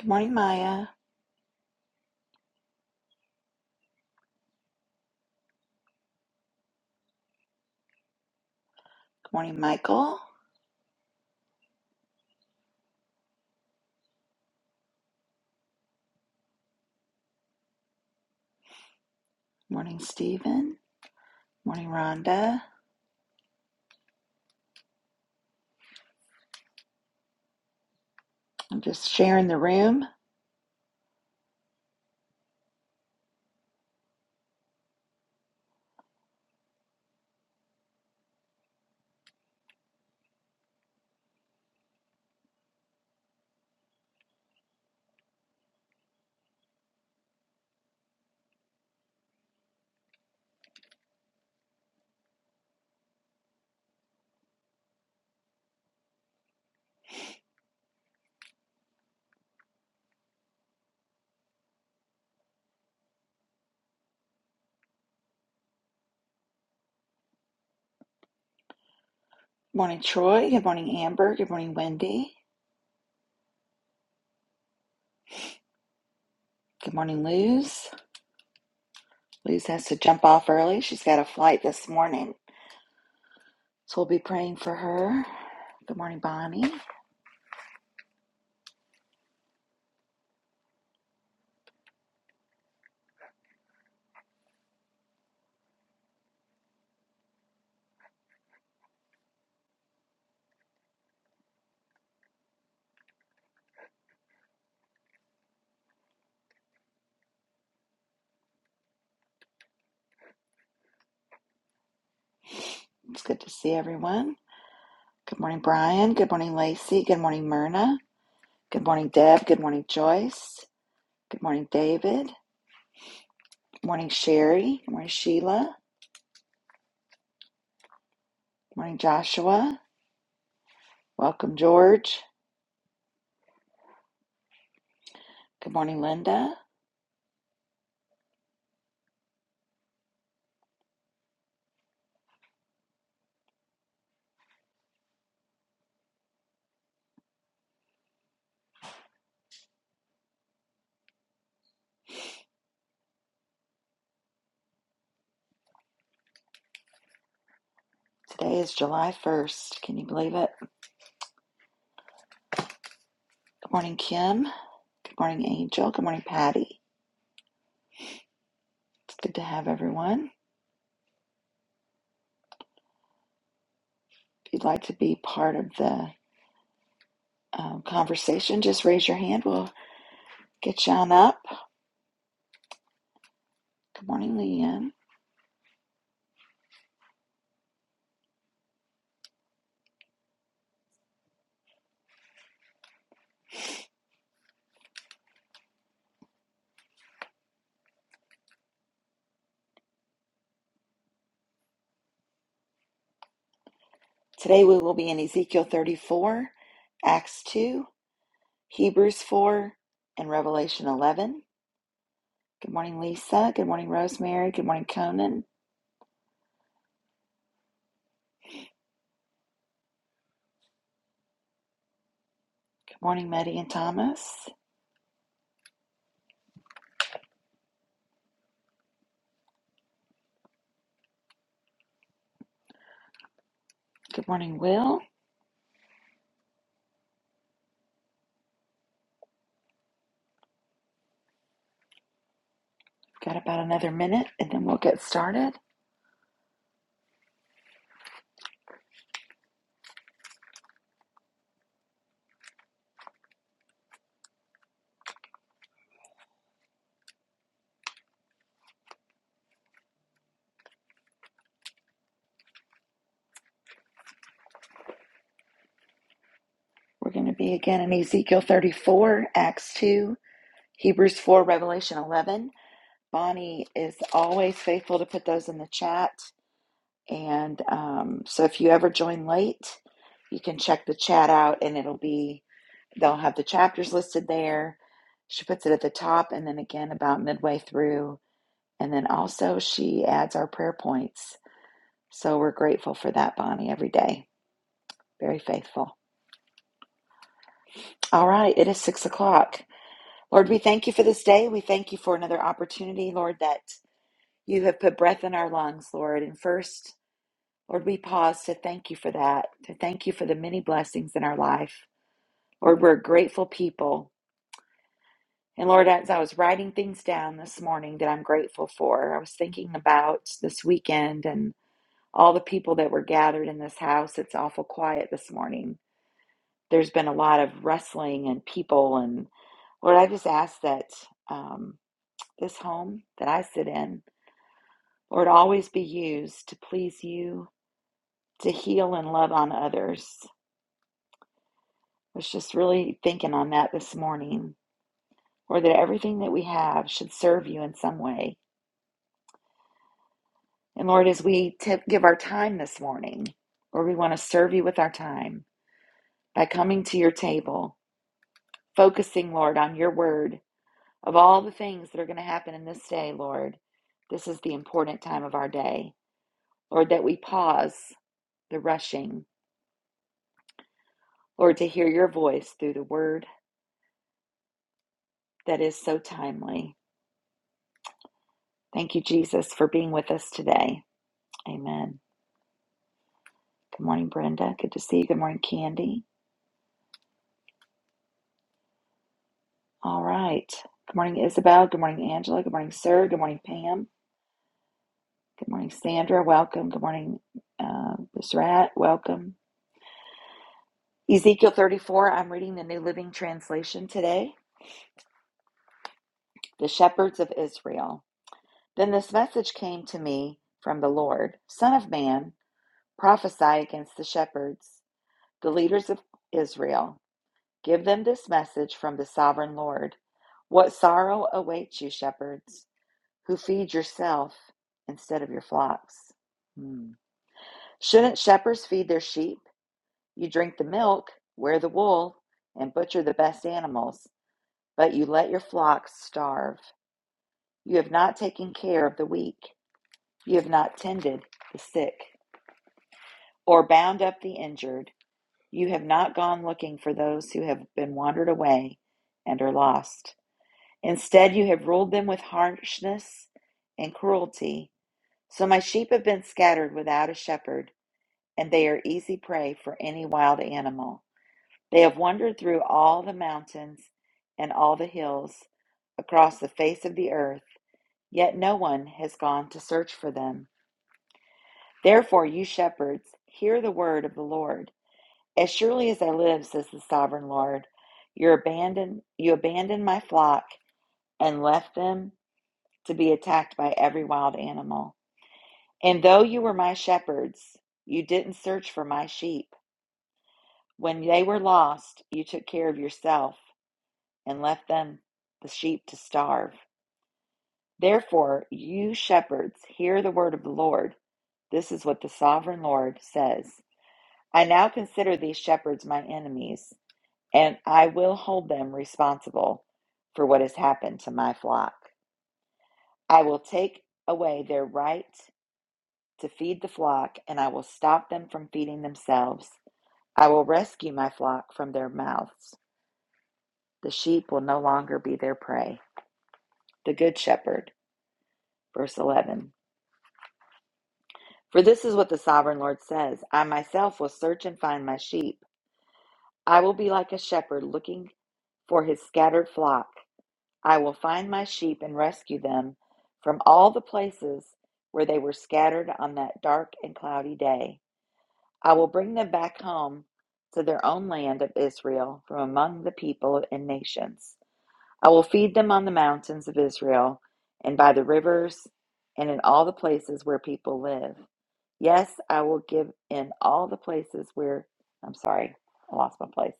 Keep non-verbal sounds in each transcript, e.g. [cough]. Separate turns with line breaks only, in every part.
Good morning, Maya. Good morning, Michael. Good morning, Stephen. Good morning, Rhonda. I'm just sharing the room. Good morning, Troy. Good morning, Amber. Good morning, Wendy. Good morning, Luz. Luz has to jump off early. She's got a flight this morning. So we'll be praying for her. Good morning, Bonnie. It's good to see everyone. Good morning, Brian. Good morning, Lacey. Good morning, Myrna. Good morning, Deb. Good morning, Joyce. Good morning, David. Good morning, Sherry. Good morning, Sheila. Good morning, Joshua. Welcome, George. Good morning, Linda. Today is July 1st. Can you believe it? Good morning, Kim. Good morning, Angel. Good morning, Patty. It's good to have everyone. If you'd like to be part of the um, conversation, just raise your hand. We'll get you on up. Good morning, Leanne. Today we will be in Ezekiel 34, Acts 2, Hebrews 4, and Revelation 11. Good morning, Lisa. Good morning, Rosemary. Good morning, Conan. Good morning, Maddie and Thomas. Good morning, Will. Got about another minute and then we'll get started. We're going to be again in Ezekiel 34, Acts 2, Hebrews 4, Revelation 11. Bonnie is always faithful to put those in the chat. And um, so if you ever join late, you can check the chat out and it'll be, they'll have the chapters listed there. She puts it at the top and then again about midway through. And then also she adds our prayer points. So we're grateful for that, Bonnie, every day. Very faithful. All right, it is six o'clock. Lord, we thank you for this day. We thank you for another opportunity, Lord, that you have put breath in our lungs, Lord. And first, Lord, we pause to thank you for that, to thank you for the many blessings in our life. Lord, we're a grateful people. And Lord, as I was writing things down this morning that I'm grateful for, I was thinking about this weekend and all the people that were gathered in this house. It's awful quiet this morning. There's been a lot of wrestling and people and Lord, I just ask that. Um, this home that I sit in, Lord, always be used to please you, to heal and love on others. I was just really thinking on that this morning, or that everything that we have should serve you in some way. And Lord, as we tip, give our time this morning, Lord, we want to serve you with our time by coming to your table, focusing, Lord, on your word of all the things that are going to happen in this day, Lord. This is the important time of our day. Lord, that we pause the rushing Lord, to hear your voice through the word that is so timely. Thank you, Jesus, for being with us today. Amen. Good morning, Brenda. Good to see you. Good morning, Candy. All right. Good morning, Isabel. Good morning, Angela. Good morning, Sir. Good morning, Pam. Good morning, Sandra. Welcome. Good morning, uh, Miss Rat. Welcome. Ezekiel 34, I'm reading the New Living Translation today. The Shepherds of Israel. Then this message came to me from the Lord Son of man, prophesy against the shepherds the leaders of Israel, give them this message from the sovereign Lord. What sorrow awaits you, shepherds, who feed yourself instead of your flocks? Hmm. Shouldn't shepherds feed their sheep? You drink the milk, wear the wool, and butcher the best animals, but you let your flocks starve. You have not taken care of the weak, you have not tended the sick, or bound up the injured. You have not gone looking for those who have been wandered away and are lost. Instead, you have ruled them with harshness and cruelty. So my sheep have been scattered without a shepherd, and they are easy prey for any wild animal. They have wandered through all the mountains and all the hills across the face of the earth, yet no one has gone to search for them. Therefore, you shepherds, hear the word of the Lord. As surely as I live, says the sovereign Lord, you abandoned, you abandoned my flock and left them to be attacked by every wild animal. And though you were my shepherds, you didn't search for my sheep. When they were lost, you took care of yourself and left them, the sheep, to starve. Therefore, you shepherds, hear the word of the Lord. This is what the sovereign Lord says I now consider these shepherds my enemies and I will hold them responsible for what has happened to my flock. I will take away their right to feed the flock, and I will stop them from feeding themselves. I will rescue my flock from their mouths. The sheep will no longer be their prey. The Good Shepherd, verse 11. For this is what the sovereign Lord says I myself will search and find my sheep. I will be like a shepherd looking for his scattered flock. I will find my sheep and rescue them from all the places where they were scattered on that dark and cloudy day. I will bring them back home to their own land of Israel from among the people and nations. I will feed them on the mountains of Israel and by the rivers and in all the places where people live. Yes, I will give in all the places where, I'm sorry, I lost my place.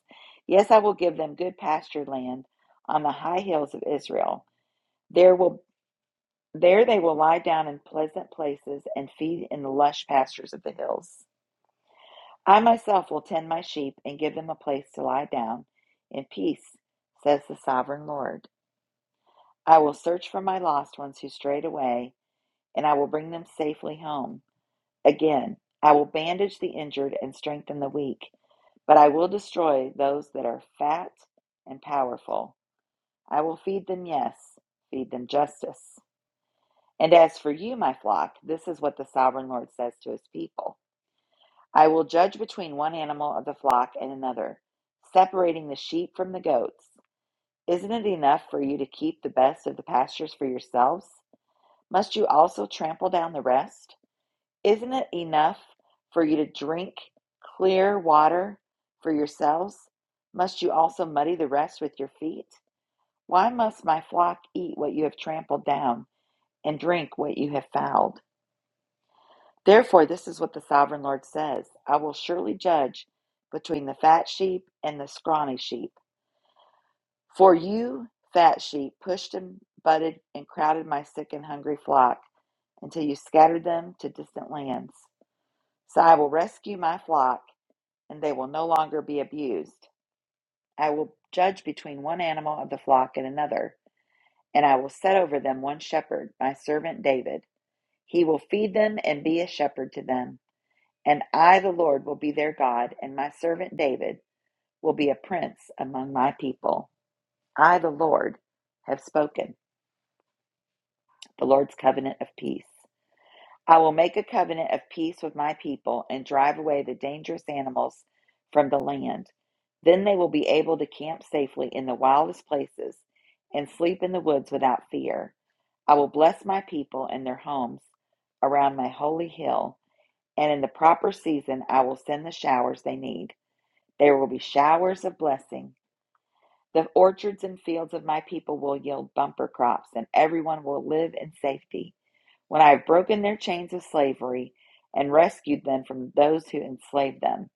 Yes, I will give them good pasture land on the high hills of Israel there will there they will lie down in pleasant places and feed in the lush pastures of the hills. I myself will tend my sheep and give them a place to lie down in peace, says the sovereign Lord. I will search for my lost ones who strayed away, and I will bring them safely home. Again, I will bandage the injured and strengthen the weak, but I will destroy those that are fat and powerful. I will feed them, yes, feed them justice. And as for you, my flock, this is what the sovereign Lord says to his people I will judge between one animal of the flock and another, separating the sheep from the goats. Isn't it enough for you to keep the best of the pastures for yourselves? Must you also trample down the rest? Isn't it enough for you to drink clear water for yourselves? Must you also muddy the rest with your feet? Why must my flock eat what you have trampled down and drink what you have fouled? Therefore, this is what the sovereign Lord says I will surely judge between the fat sheep and the scrawny sheep. For you, fat sheep, pushed and butted and crowded my sick and hungry flock until you scattered them to distant lands. So I will rescue my flock, and they will no longer be abused. I will judge between one animal of the flock and another, and I will set over them one shepherd, my servant David. He will feed them and be a shepherd to them. And I, the Lord, will be their God, and my servant David will be a prince among my people. I, the Lord, have spoken the Lord's covenant of peace. I will make a covenant of peace with my people and drive away the dangerous animals from the land. Then they will be able to camp safely in the wildest places and sleep in the woods without fear. I will bless my people and their homes around my holy hill, and in the proper season I will send the showers they need. There will be showers of blessing. The orchards and fields of my people will yield bumper crops, and everyone will live in safety. When I have broken their chains of slavery and rescued them from those who enslaved them,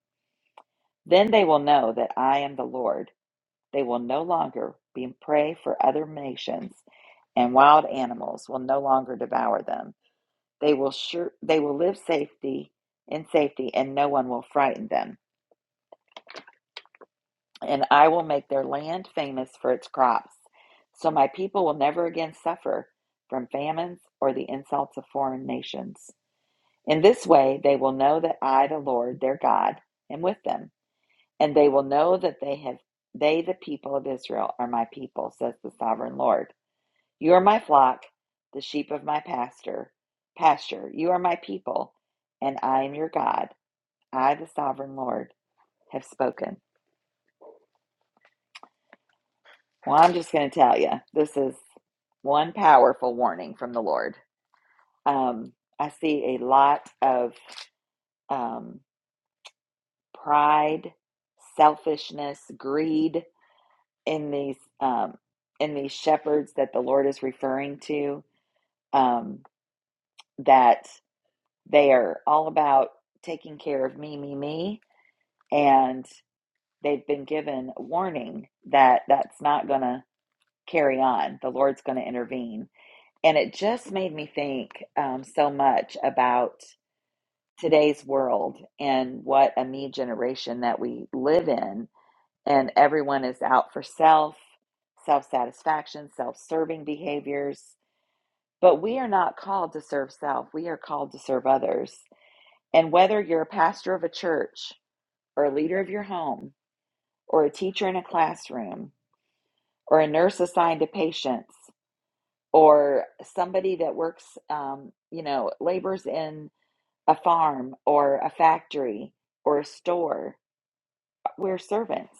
then they will know that I am the Lord. They will no longer be a prey for other nations, and wild animals will no longer devour them. They will sure they will live safety in safety, and no one will frighten them. and I will make their land famous for its crops. So my people will never again suffer from famines or the insults of foreign nations. In this way, they will know that I, the Lord their God, am with them, and they will know that they have they, the people of Israel, are my people, says the sovereign Lord. You are my flock, the sheep of my pasture. Pasture, you are my people, and I am your God. I, the sovereign Lord, have spoken. Well, I'm just going to tell you this is one powerful warning from the Lord. Um, I see a lot of um, pride, selfishness, greed in these um, in these shepherds that the Lord is referring to. Um, that they are all about taking care of me, me, me, and they've been given warning that that's not going to carry on. The Lord's going to intervene And it just made me think um, so much about today's world and what a me generation that we live in. And everyone is out for self, self satisfaction, self serving behaviors. But we are not called to serve self, we are called to serve others. And whether you're a pastor of a church, or a leader of your home, or a teacher in a classroom, or a nurse assigned to patients, or somebody that works, um, you know, labors in a farm or a factory or a store. We're servants.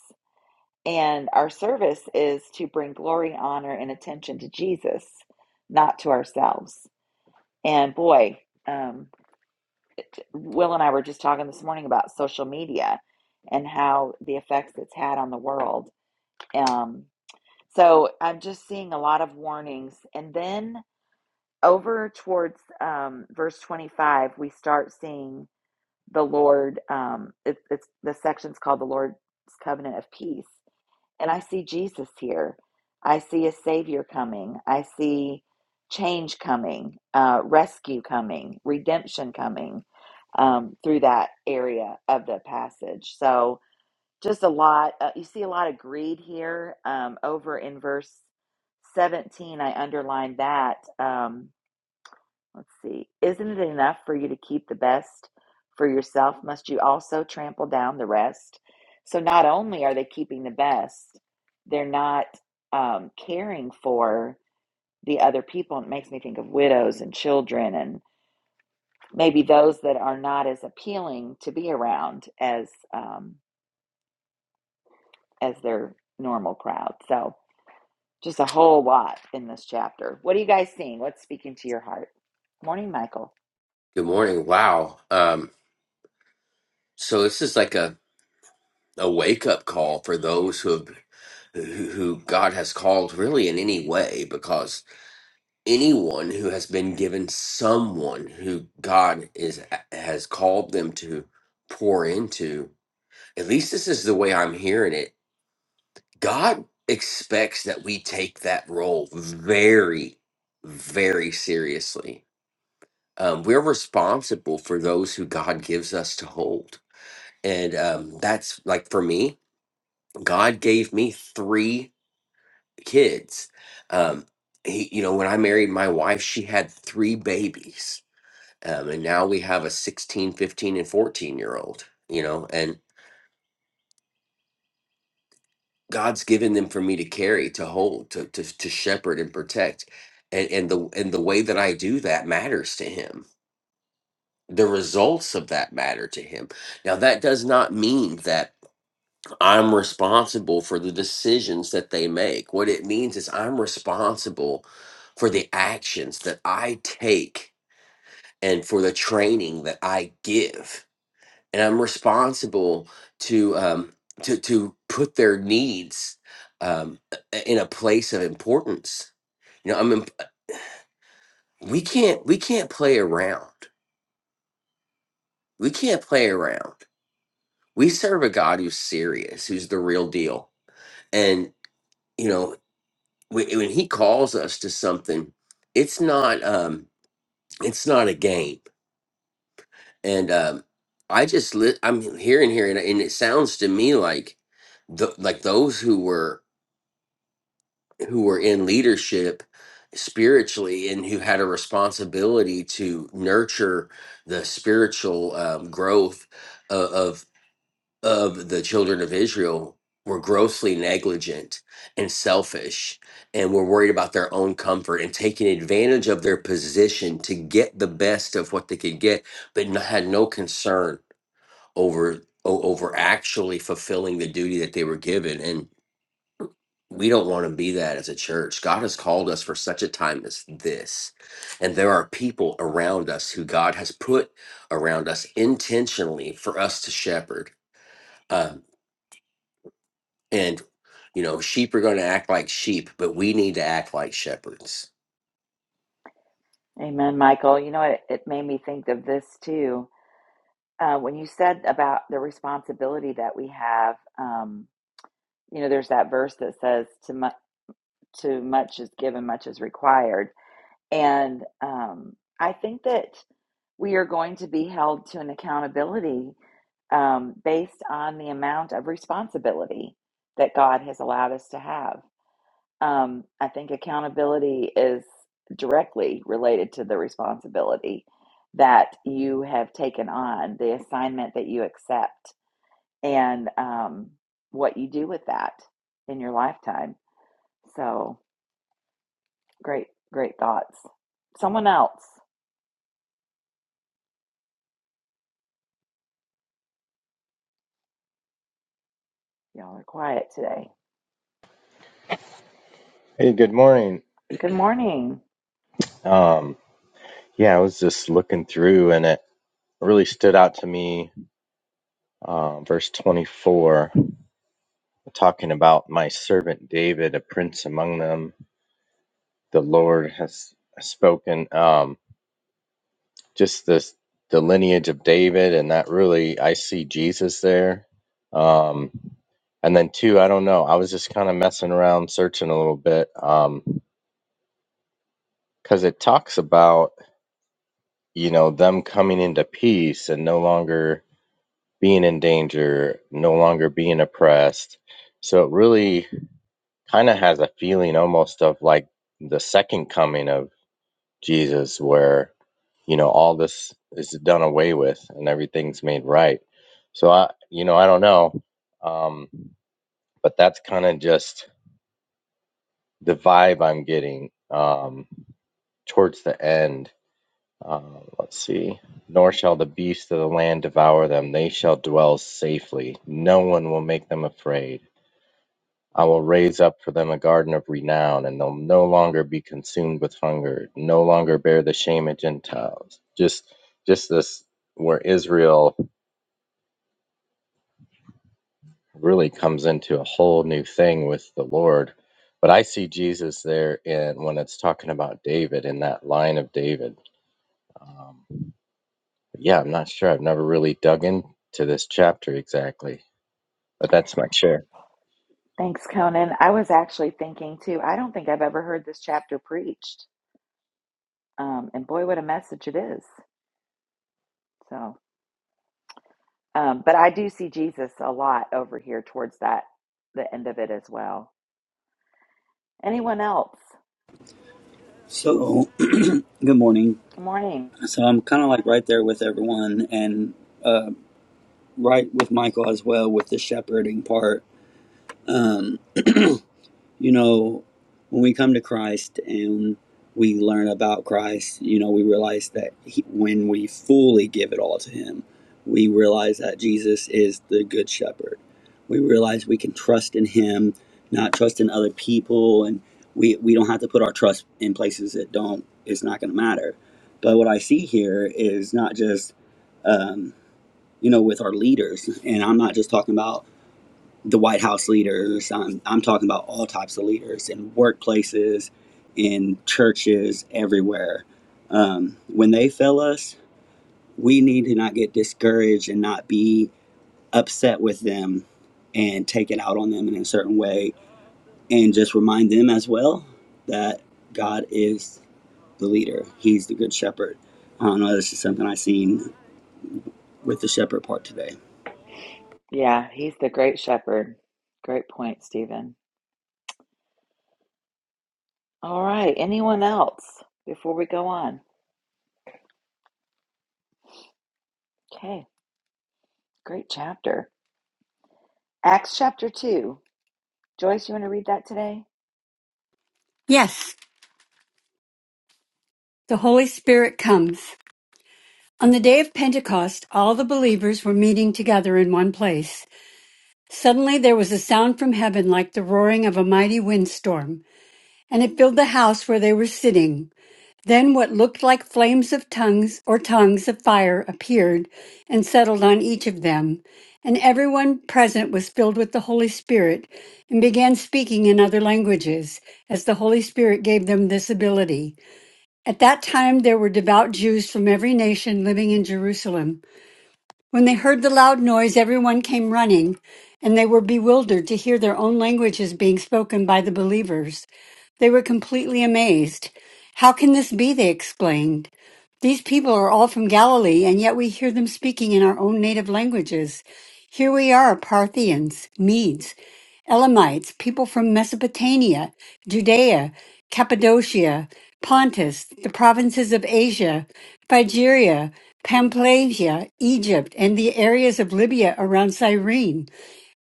And our service is to bring glory, honor, and attention to Jesus, not to ourselves. And boy, um, Will and I were just talking this morning about social media and how the effects it's had on the world. Um, so I'm just seeing a lot of warnings. And then over towards um, verse 25, we start seeing the Lord, um, it, it's the section's called the Lord's Covenant of Peace. And I see Jesus here. I see a Savior coming. I see change coming, uh, rescue coming, redemption coming um, through that area of the passage. So just a lot, uh, you see a lot of greed here um, over in verse 17. I underlined that. Um, Let's see. Isn't it enough for you to keep the best for yourself? Must you also trample down the rest? So not only are they keeping the best, they're not um, caring for the other people. It makes me think of widows and children and maybe those that are not as appealing to be around as um, as their normal crowd. So just a whole lot in this chapter. What are you guys seeing? What's speaking to your heart? Morning, Michael.
Good morning. Wow. Um, so this is like a, a wake up call for those who have who who God has called really in any way, because anyone who has been given someone who God is has called them to pour into, at least this is the way I'm hearing it. God expects that we take that role very, very seriously. Um, we're responsible for those who God gives us to hold and um, that's like for me god gave me three kids um, he, you know when i married my wife she had three babies um, and now we have a 16, 15, and 14 year old you know and god's given them for me to carry to hold to, to, to shepherd and protect and, and the and the way that i do that matters to him the results of that matter to him now that does not mean that I'm responsible for the decisions that they make. What it means is I'm responsible for the actions that I take and for the training that I give. And I'm responsible to um, to to put their needs um, in a place of importance. You know, I mean, we can't we can't play around. We can't play around. We serve a God who's serious, who's the real deal, and you know wh- when he calls us to something it's not um it's not a game and um i just li- i'm hearing here and, and it sounds to me like the like those who were who were in leadership spiritually and who had a responsibility to nurture the spiritual um, growth of the children of Israel were grossly negligent and selfish and were worried about their own comfort and taking advantage of their position to get the best of what they could get, but n- had no concern over o- over actually fulfilling the duty that they were given. And we don't want to be that as a church. God has called us for such a time as this. And there are people around us who God has put around us intentionally for us to shepherd. uh, And, you know, sheep are going to act like sheep, but we need to act like shepherds.
Amen, Michael. You know, it, it made me think of this too. Uh, when you said about the responsibility that we have, um, you know, there's that verse that says, "To much, to much is given, much is required," and um, I think that we are going to be held to an accountability um, based on the amount of responsibility that God has allowed us to have. Um, I think accountability is directly related to the responsibility that you have taken on, the assignment that you accept, and um, what you do with that in your lifetime. So great, great thoughts. Someone else. Y'all are quiet today.
Hey, good morning.
Good morning.
Um, yeah, I was just looking through and it really stood out to me. Uh, verse 24, talking about my servant David, a prince among them. The Lord has spoken. Um, just this, the lineage of David, and that really, I see Jesus there. Um, and then two, I don't know. I was just kind of messing around, searching a little bit, um, because it talks about you know them coming into peace and no longer being in danger, no longer being oppressed. So it really kind of has a feeling almost of like the second coming of Jesus, where, you know, all this is done away with and everything's made right. So I, you know, I don't know. Um, but that's kind of just the vibe I'm getting um, towards the end. Um, let's see. Nor shall the beasts of the land devour them. They shall dwell safely. No one will make them afraid I will raise up for them a garden of renown, and they'll no longer be consumed with hunger, no longer bear the shame of Gentiles. Just, just this where Israel really comes into a whole new thing with the Lord. But I see Jesus there, in when it's talking about David in that line of David. Um, yeah, I'm not sure. I've never really dug into this chapter exactly, but that's my share.
Thanks, Conan. I was actually thinking too, I don't think I've ever heard this chapter preached. Um, and boy, what a message it is. So. Um, but I do see Jesus a lot over here towards that the end of it as well. Anyone else?
So, good morning.
Good morning.
So, I'm kind of like right there with everyone and uh, right with Michael as well with the shepherding part. You know, when we come to Christ and we learn about Christ, you know, we realize that he, when we fully give it all to Him, we realize that Jesus is the Good Shepherd. We realize we can trust in Him, not trust in other people, and we, we don't have to put our trust in places that don't, it's not going to matter. But what I see here is not just, um, you know, with our leaders, and I'm not just talking about the White House leaders. I'm, I'm talking about all types of leaders in workplaces, in churches, everywhere. Um, when they fail us, we need to not get discouraged and not be upset with them and take it out on them in a certain way. And just remind them as well that God is the leader, He's the good shepherd. I don't know, this is something i seen with the shepherd part today.
Yeah, he's the great shepherd. Great point, Stephen. All right, anyone else before we go on? Okay, great chapter. Acts chapter 2. Joyce, you want to read that today?
Yes, the Holy Spirit comes. On the day of Pentecost, all the believers were meeting together in one place. Suddenly there was a sound from heaven like the roaring of a mighty windstorm, and it filled the house where they were sitting. Then what looked like flames of tongues or tongues of fire appeared and settled on each of them, and everyone present was filled with the Holy Spirit and began speaking in other languages as the Holy Spirit gave them this ability. At that time, there were devout Jews from every nation living in Jerusalem. When they heard the loud noise, everyone came running, and they were bewildered to hear their own languages being spoken by the believers. They were completely amazed. How can this be? They exclaimed. These people are all from Galilee, and yet we hear them speaking in our own native languages. Here we are Parthians, Medes, Elamites, people from Mesopotamia, Judea, Cappadocia, Pontus, the provinces of Asia, Phrygia, Pamphylia, Egypt, and the areas of Libya around Cyrene.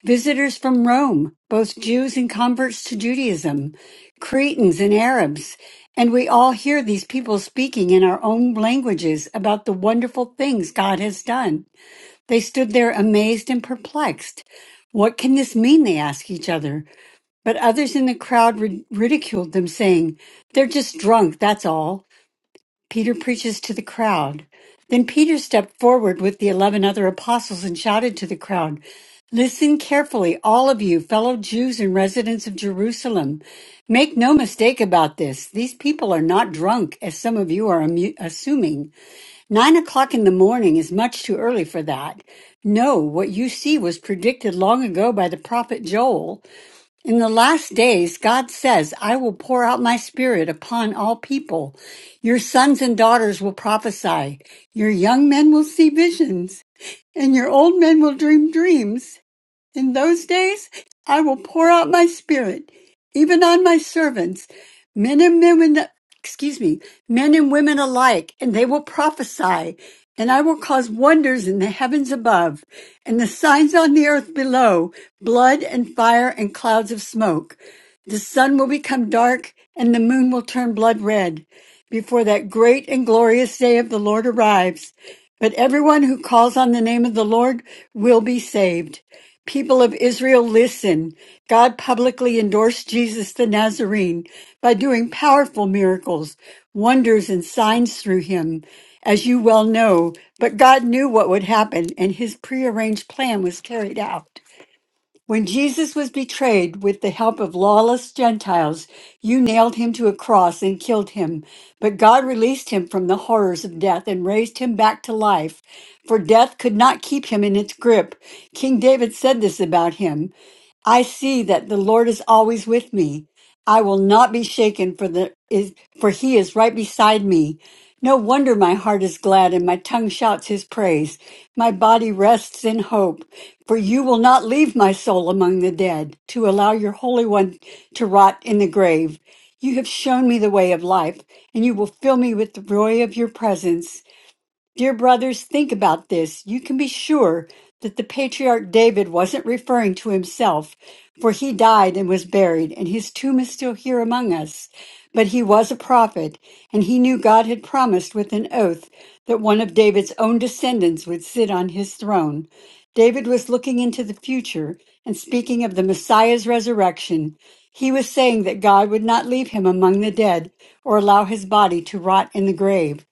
Visitors from Rome, both Jews and converts to Judaism, Cretans and Arabs, and we all hear these people speaking in our own languages about the wonderful things God has done. They stood there amazed and perplexed. What can this mean? They asked each other. But others in the crowd ri- ridiculed them, saying, They're just drunk, that's all. Peter preaches to the crowd. Then Peter stepped forward with the eleven other apostles and shouted to the crowd, Listen carefully, all of you, fellow Jews and residents of Jerusalem. Make no mistake about this. These people are not drunk, as some of you are amu- assuming. Nine o'clock in the morning is much too early for that. No, what you see was predicted long ago by the prophet Joel. In the last days, God says, I will pour out my spirit upon all people. Your sons and daughters will prophesy. Your young men will see visions and your old men will dream dreams. In those days I will pour out my spirit, even on my servants, men and women, excuse me, men and women alike, and they will prophesy, and I will cause wonders in the heavens above, and the signs on the earth below, blood and fire and clouds of smoke. The sun will become dark and the moon will turn blood red before that great and glorious day of the Lord arrives. But everyone who calls on the name of the Lord will be saved. People of Israel, listen. God publicly endorsed Jesus the Nazarene by doing powerful miracles, wonders, and signs through him, as you well know. But God knew what would happen, and his prearranged plan was carried out. When Jesus was betrayed with the help of lawless Gentiles, you nailed him to a cross and killed him. But God released him from the horrors of death and raised him back to life, for death could not keep him in its grip. King David said this about him I see that the Lord is always with me. I will not be shaken, for, the, is, for he is right beside me. No wonder my heart is glad and my tongue shouts his praise. My body rests in hope, for you will not leave my soul among the dead to allow your Holy One to rot in the grave. You have shown me the way of life, and you will fill me with the joy of your presence. Dear brothers, think about this. You can be sure that the patriarch David wasn't referring to himself, for he died and was buried, and his tomb is still here among us. But he was a prophet, and he knew God had promised with an oath that one of David's own descendants would sit on his throne. David was looking into the future and speaking of the Messiah's resurrection. He was saying that God would not leave him among the dead or allow his body to rot in the grave.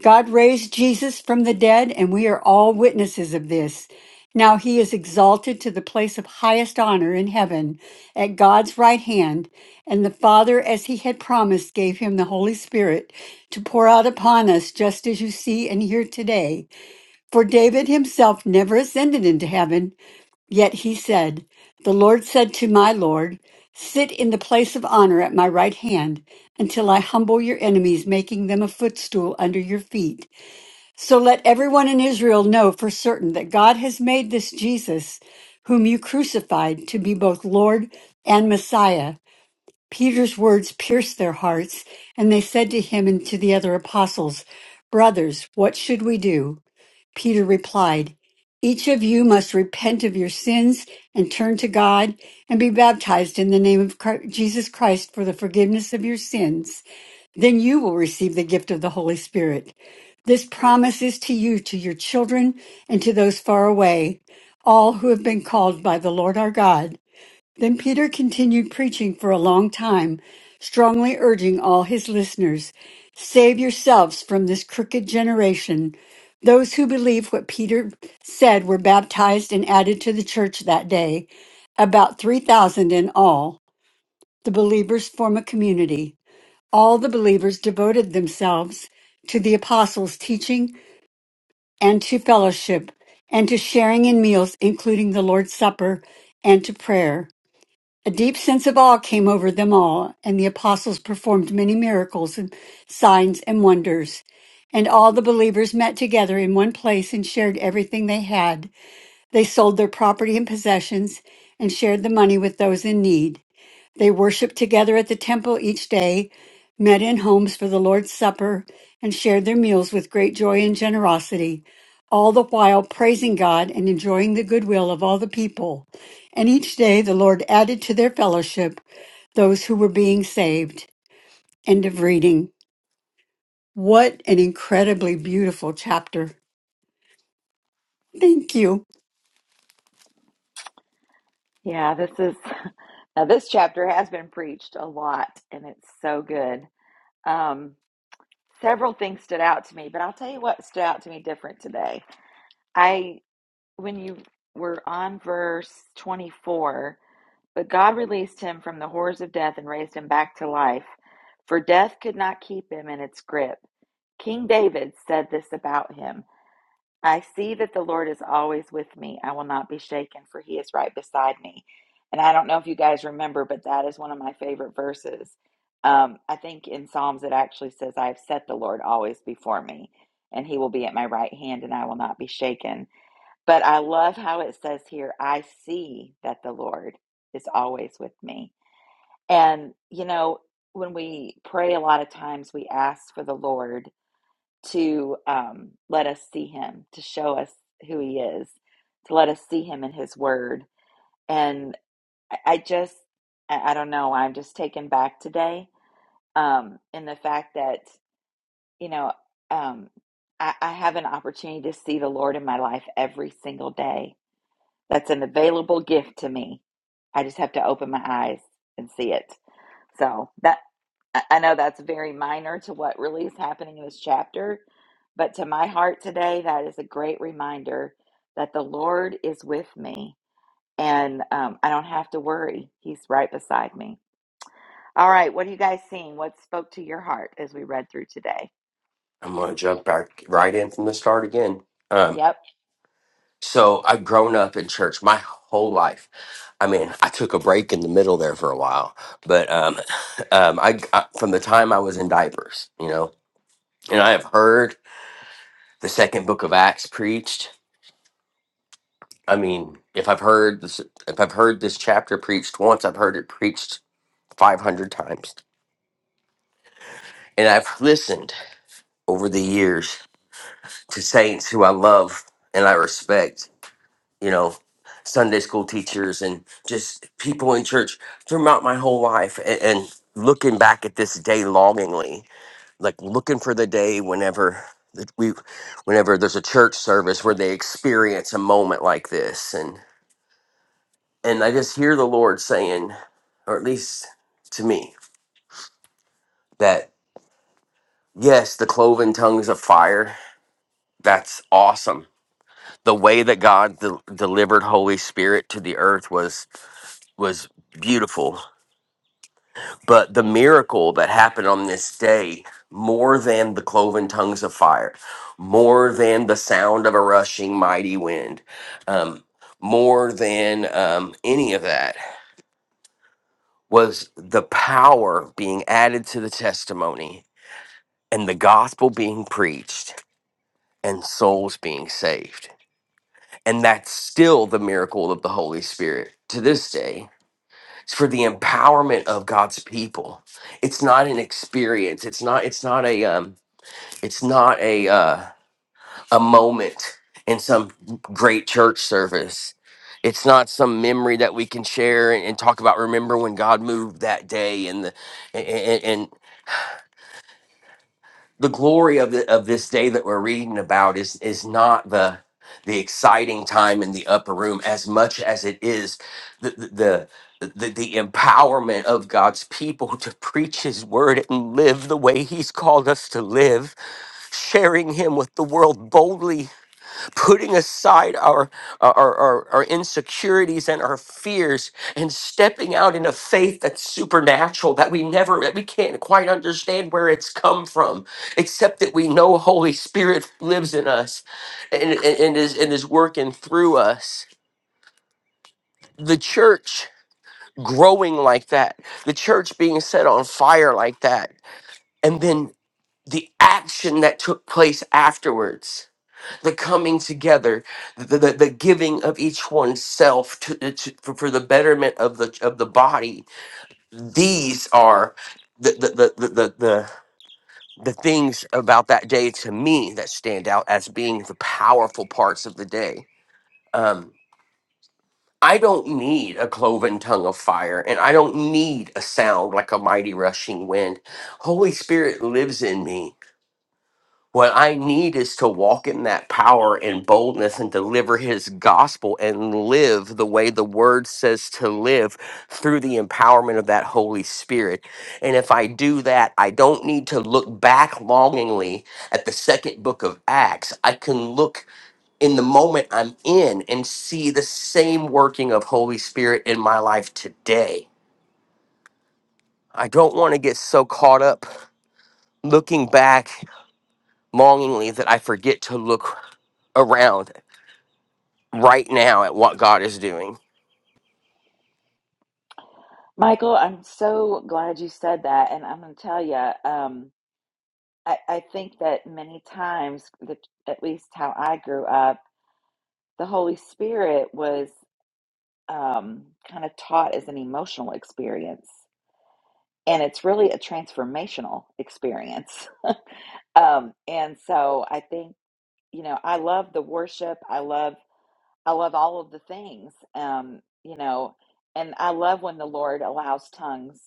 God raised Jesus from the dead, and we are all witnesses of this. Now he is exalted to the place of highest honor in heaven at God's right hand, and the Father, as he had promised, gave him the Holy Spirit to pour out upon us, just as you see and hear today. For David himself never ascended into heaven, yet he said, The Lord said to my Lord, Sit in the place of honor at my right hand until I humble your enemies, making them a footstool under your feet. So let everyone in Israel know for certain that God has made this Jesus, whom you crucified, to be both Lord and Messiah. Peter's words pierced their hearts, and they said to him and to the other apostles, Brothers, what should we do? Peter replied, Each of you must repent of your sins and turn to God and be baptized in the name of Chri- Jesus Christ for the forgiveness of your sins. Then you will receive the gift of the Holy Spirit. This promise is to you, to your children, and to those far away, all who have been called by the Lord our God. Then Peter continued preaching for a long time, strongly urging all his listeners save yourselves from this crooked generation. Those who believed what Peter said were baptized and added to the church that day, about 3,000 in all. The believers form a community. All the believers devoted themselves to the apostles' teaching and to fellowship, and to sharing in meals, including the Lord's Supper, and to prayer. A deep sense of awe came over them all, and the apostles performed many miracles and signs and wonders. And all the believers met together in one place and shared everything they had. They sold their property and possessions and shared the money with those in need. They worshiped together at the temple each day, met in homes for the Lord's Supper, and shared their meals with great joy and generosity, all the while praising God and enjoying the goodwill of all the people. And each day the Lord added to their fellowship those who were being saved. End of reading. What an incredibly beautiful chapter. Thank you.
Yeah, this is [laughs] now this chapter has been preached a lot and it's so good. Um, several things stood out to me, but I'll tell you what stood out to me different today. I. when you were on verse 24, but God released him from the horrors of death and raised him back to life, for death could not keep him in its grip. King David said this about him I see that the Lord is always with me. I will not be shaken, for he is right beside me. And I don't know if you guys remember, but that is one of my favorite verses. Um, I think in Psalms it actually says, I have set the Lord always before me, and he will be at my right hand, and I will not be shaken. But I love how it says here, I see that the Lord is always with me. And, you know, when we pray, a lot of times we ask for the Lord to um, let us see him, to show us who he is, to let us see him in his word. And I I just, I I don't know, I'm just taken back today um, in the fact that, you know, um, I, I have an opportunity to see the Lord in my life every single day That's an available gift to me. I just have to open my eyes and see it. So that I I know that's very minor to what really is happening in this chapter, but to my heart today, that is a great reminder that the Lord is with me and um, I don't have to worry. He's right beside me. All right, what are you guys seeing? What spoke to your heart as we read through today?
I'm going to jump back right in from the start again. Um,
Yep.
so I've grown up in church my whole life. I mean, I took a break in the middle there for a while, but um, [sighs] [laughs] um, I, I from the time I was in diapers, you know, and I have heard the second book of Acts preached. I mean, if I've heard this, if I've heard this chapter preached once, I've heard it preached 500 times, and I've listened over the years to saints who I love and I respect, you know, Sunday school teachers and just people in church throughout my whole life and, and looking back at this day longingly, like looking for the day whenever that we whenever there's a church service where they experience a moment like this and and I just hear the Lord saying, or at least to me, that yes, the cloven tongues of fire, that's awesome the way that God del delivered Holy Spirit to the earth was was beautiful. But the miracle that happened on this day, more than the cloven tongues of fire, more than the sound of a rushing mighty wind, um, more than um, any of that, was the power being added to the testimony and the gospel being preached and souls being saved. And that's still the miracle of the Holy Spirit to this day It's for the empowerment of God's people. It's not an experience. It's not. It's not a. Um, it's not a uh, a moment in some great church service. It's not some memory that we can share and, and talk about. Remember when God moved that day and the and, and the glory of the of this day that we're reading about is is not the the exciting time in the upper room as much as it is the the the, the, the empowerment of God's people to preach his word and live the way he's called us to live sharing him with the world boldly putting aside our our, our our insecurities and our fears and stepping out in a faith that's supernatural that we never that we can't quite understand where it's come from except that we know holy spirit lives in us and, and, and is and is working through us the church growing like that the church being set on fire like that and then the action that took place afterwards the coming together, the, the, the giving of each one's self to, uh, to, for, for the betterment of the of the body. These are the the, the, the, the, the the things about that day to me that stand out as being the powerful parts of the day. Um, I don't need a cloven tongue of fire, and I don't need a sound like a mighty rushing wind. Holy Spirit lives in me What I need is to walk in that power and boldness and deliver his gospel and live the way the word says to live through the empowerment of that Holy Spirit. And if I do that, I don't need to look back longingly at the second book of Acts. I can look in the moment I'm in and see the same working of Holy Spirit in my life today. I don't want to get so caught up looking back longingly that I forget to look around right now at what God is doing.
Michael, I'm so glad you said that. And I'm going to tell you. um, I, I think that many times, the, at least how I grew up, the Holy Spirit was um, kind of taught as an emotional experience. And it's really a transformational experience. [laughs] Um, and so I think, you know, I love the worship. I love, I love all of the things, um, you know, and I love when the Lord allows tongues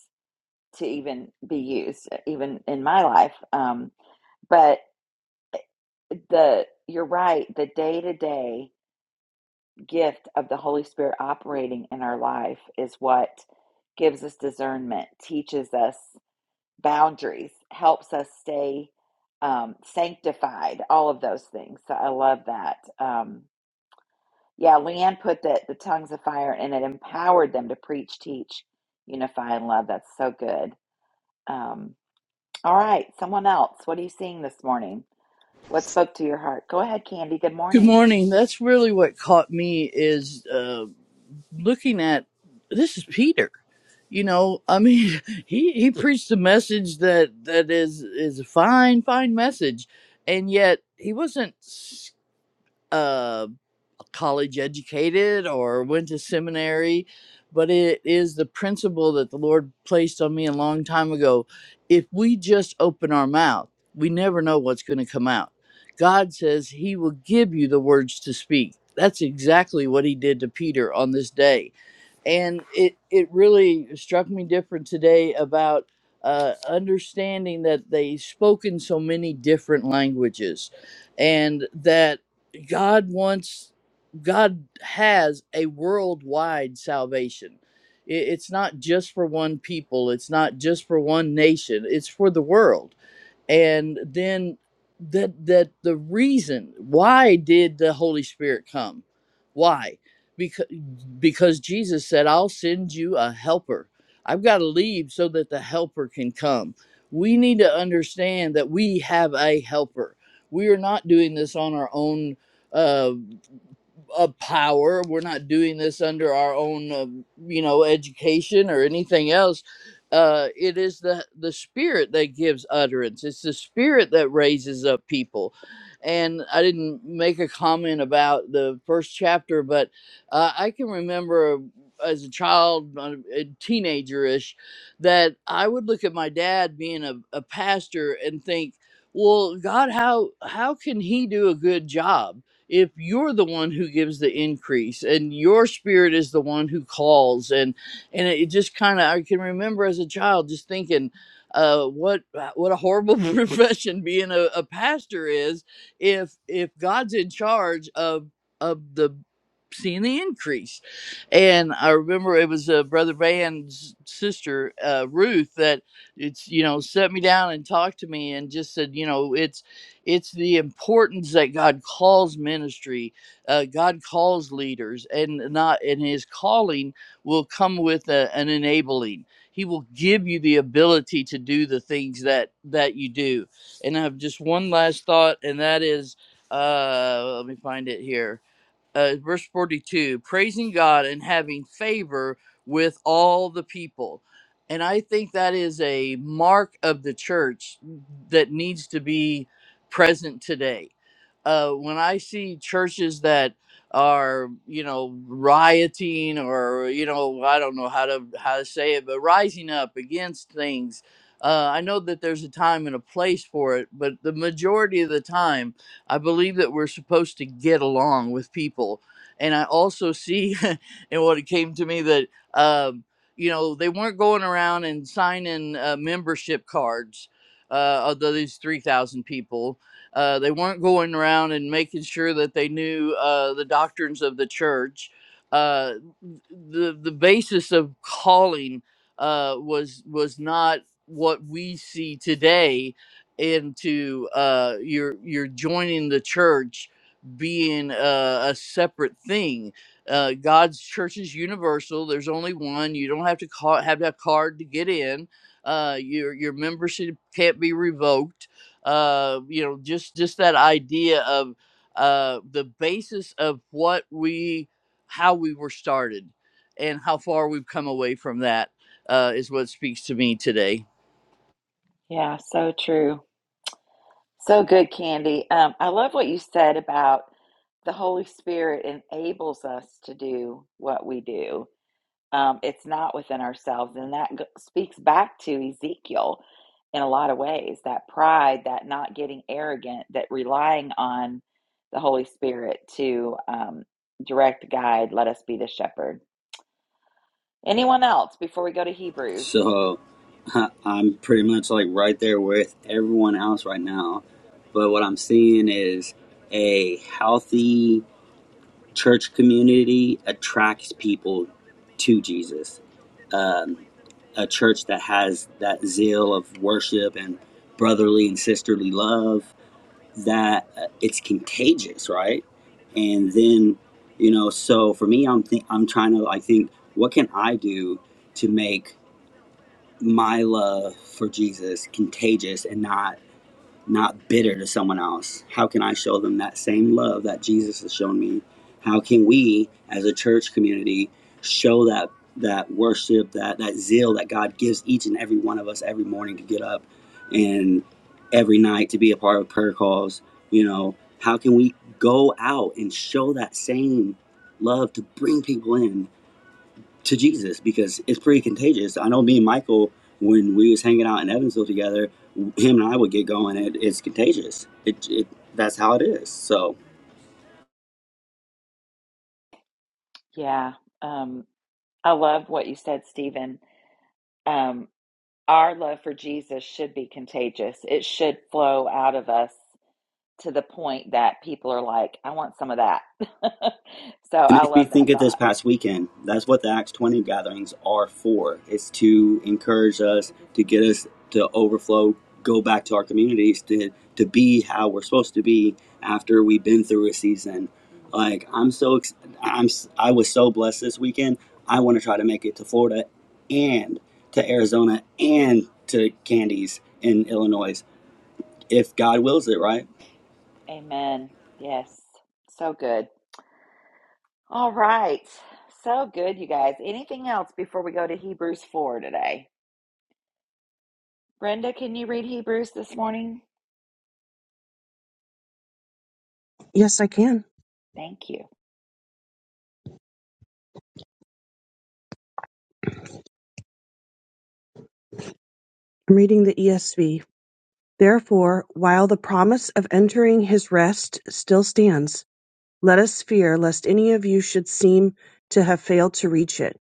to even be used, even in my life. Um, but the you're right the day-to-day gift of the holy spirit operating in our life is what gives us discernment teaches us boundaries helps us stay um, sanctified all of those things so i love that um, yeah leanne put that the tongues of fire and it empowered them to preach teach unify and love that's so good um, all right someone else what are you seeing this morning what spoke to your heart go ahead candy good
Good
morning
morning. That's really what caught me is uh, looking at this is Peter. You know, I mean, [laughs] he he preached a message that that is is a fine fine message, and yet he wasn't college educated or went to seminary, but it is the principle that the Lord placed on me a long time ago. If we just open our mouth, we never know what's going to come out. God says He will give you the words to speak. That's exactly what He did to Peter on this day and it it really struck me different today about uh, understanding that they spoke in so many different languages, and that God wants God has a worldwide salvation. I- It's not just for one people. It's not just for one nation. It's for the world and then that that the reason why did the holy spirit come why because because jesus said i'll send you a helper i've got to leave so that the helper can come we need to understand that we have a helper we are not doing this on our own uh, a power. We're not doing this under our own, uh, you know, education or anything else. Uh, it is the the spirit that gives utterance. It's the spirit that raises up people. And I didn't make a comment about the first chapter, but uh, I can remember as a child, uh, a teenager-ish, that I would look at my dad being a, a pastor and think, "Well, God, how how can he do a good job?" if you're the one who gives the increase and your spirit is the one who calls and and it just kind of i can remember as a child just thinking uh what what a horrible [laughs] profession being a, a pastor is if if god's in charge of of the seeing the increase and i remember it was uh, brother van's sister uh, ruth that it's you know set me down and talked to me and just said you know it's. It's the importance that God calls ministry, uh, God calls leaders, and not and His calling will come with a, an enabling. He will give you the ability to do the things that that you do. And I have just one last thought, and that is, uh, let me find it here uh, verse 42 praising god and having favor with all the people and i think that is a mark of the church that needs to be present today uh, when i see churches that are you know rioting or you know i don't know how to how to say it but rising up against things uh, i know that there's a time and a place for it but the majority of the time I believe that we're supposed to get along with people. And I also see [laughs] in what it came to me that, um, you know, they weren't going around and signing uh, membership cards uh, of these 3,000 people. Uh, they weren't going around and making sure that they knew uh, the doctrines of the church. Uh, the, the basis of calling uh, was was not what we see today into uh, you're you're joining the church being a, a separate thing. Uh, God's church is universal. There's only one. You don't have to call, have that card to get in. Uh, your your membership can't be revoked. Uh, you know, just just that idea of uh, the basis of what we how we were started and how far we've come away from that uh, is what speaks to me today.
Yeah, so true. So good, Candy. Um, I love what you said about the Holy Spirit enables us to do what we do. Um, it's not within ourselves. And that g- speaks back to Ezekiel in a lot of ways that pride, that not getting arrogant, that relying on the Holy Spirit to um, direct, guide, let us be the shepherd. Anyone else before we go to Hebrews?
So [laughs] I'm pretty much like right there with everyone else right now. But what I'm seeing is a healthy church community attracts people to Jesus. A church that has that zeal of worship and brotherly and sisterly love that uh, it's contagious, right? And then, you know, so for me, I'm th- I'm trying to I think, what can I do to make my love for Jesus contagious and not not bitter to someone else? How can I show them that same love that Jesus has shown me? How can we as a church community show that that worship, that that zeal that God gives each and every one of us every morning to get up and every night to be a part of prayer calls, you know, how can we go out and show that same love to bring people in to Jesus because it's pretty contagious. I know me and Michael, when we was hanging out in Evansville together, him and I would get going. It, it's contagious. It, it that's how it is. So.
Yeah, um, I love what you said, Stephen. Um, our love for Jesus should be contagious. It should flow out of us to the point that people are like, I want some of that. [laughs] so
It
I
makes me
love
think
that
of this
thought.
past weekend. That's what the Acts 20 gatherings are for. It's to encourage us, to get us to overflow, go back to our communities, to, to be how we're supposed to be after we've been through a season. Like, I'm so, ex- I'm, s- i am I was so blessed this weekend. I want to try to make it to Florida and to Arizona and to Candies in Illinois, if God wills it, right?
Amen. Yes. So good. All right. So good, you guys. Anything else before we go to Hebrews 4 today? Brenda, can you read Hebrews this morning?
Yes, I can.
Thank you.
I'm reading the ESV. Therefore, while the promise of entering his rest still stands, let us fear lest any of you should seem to have failed to reach it.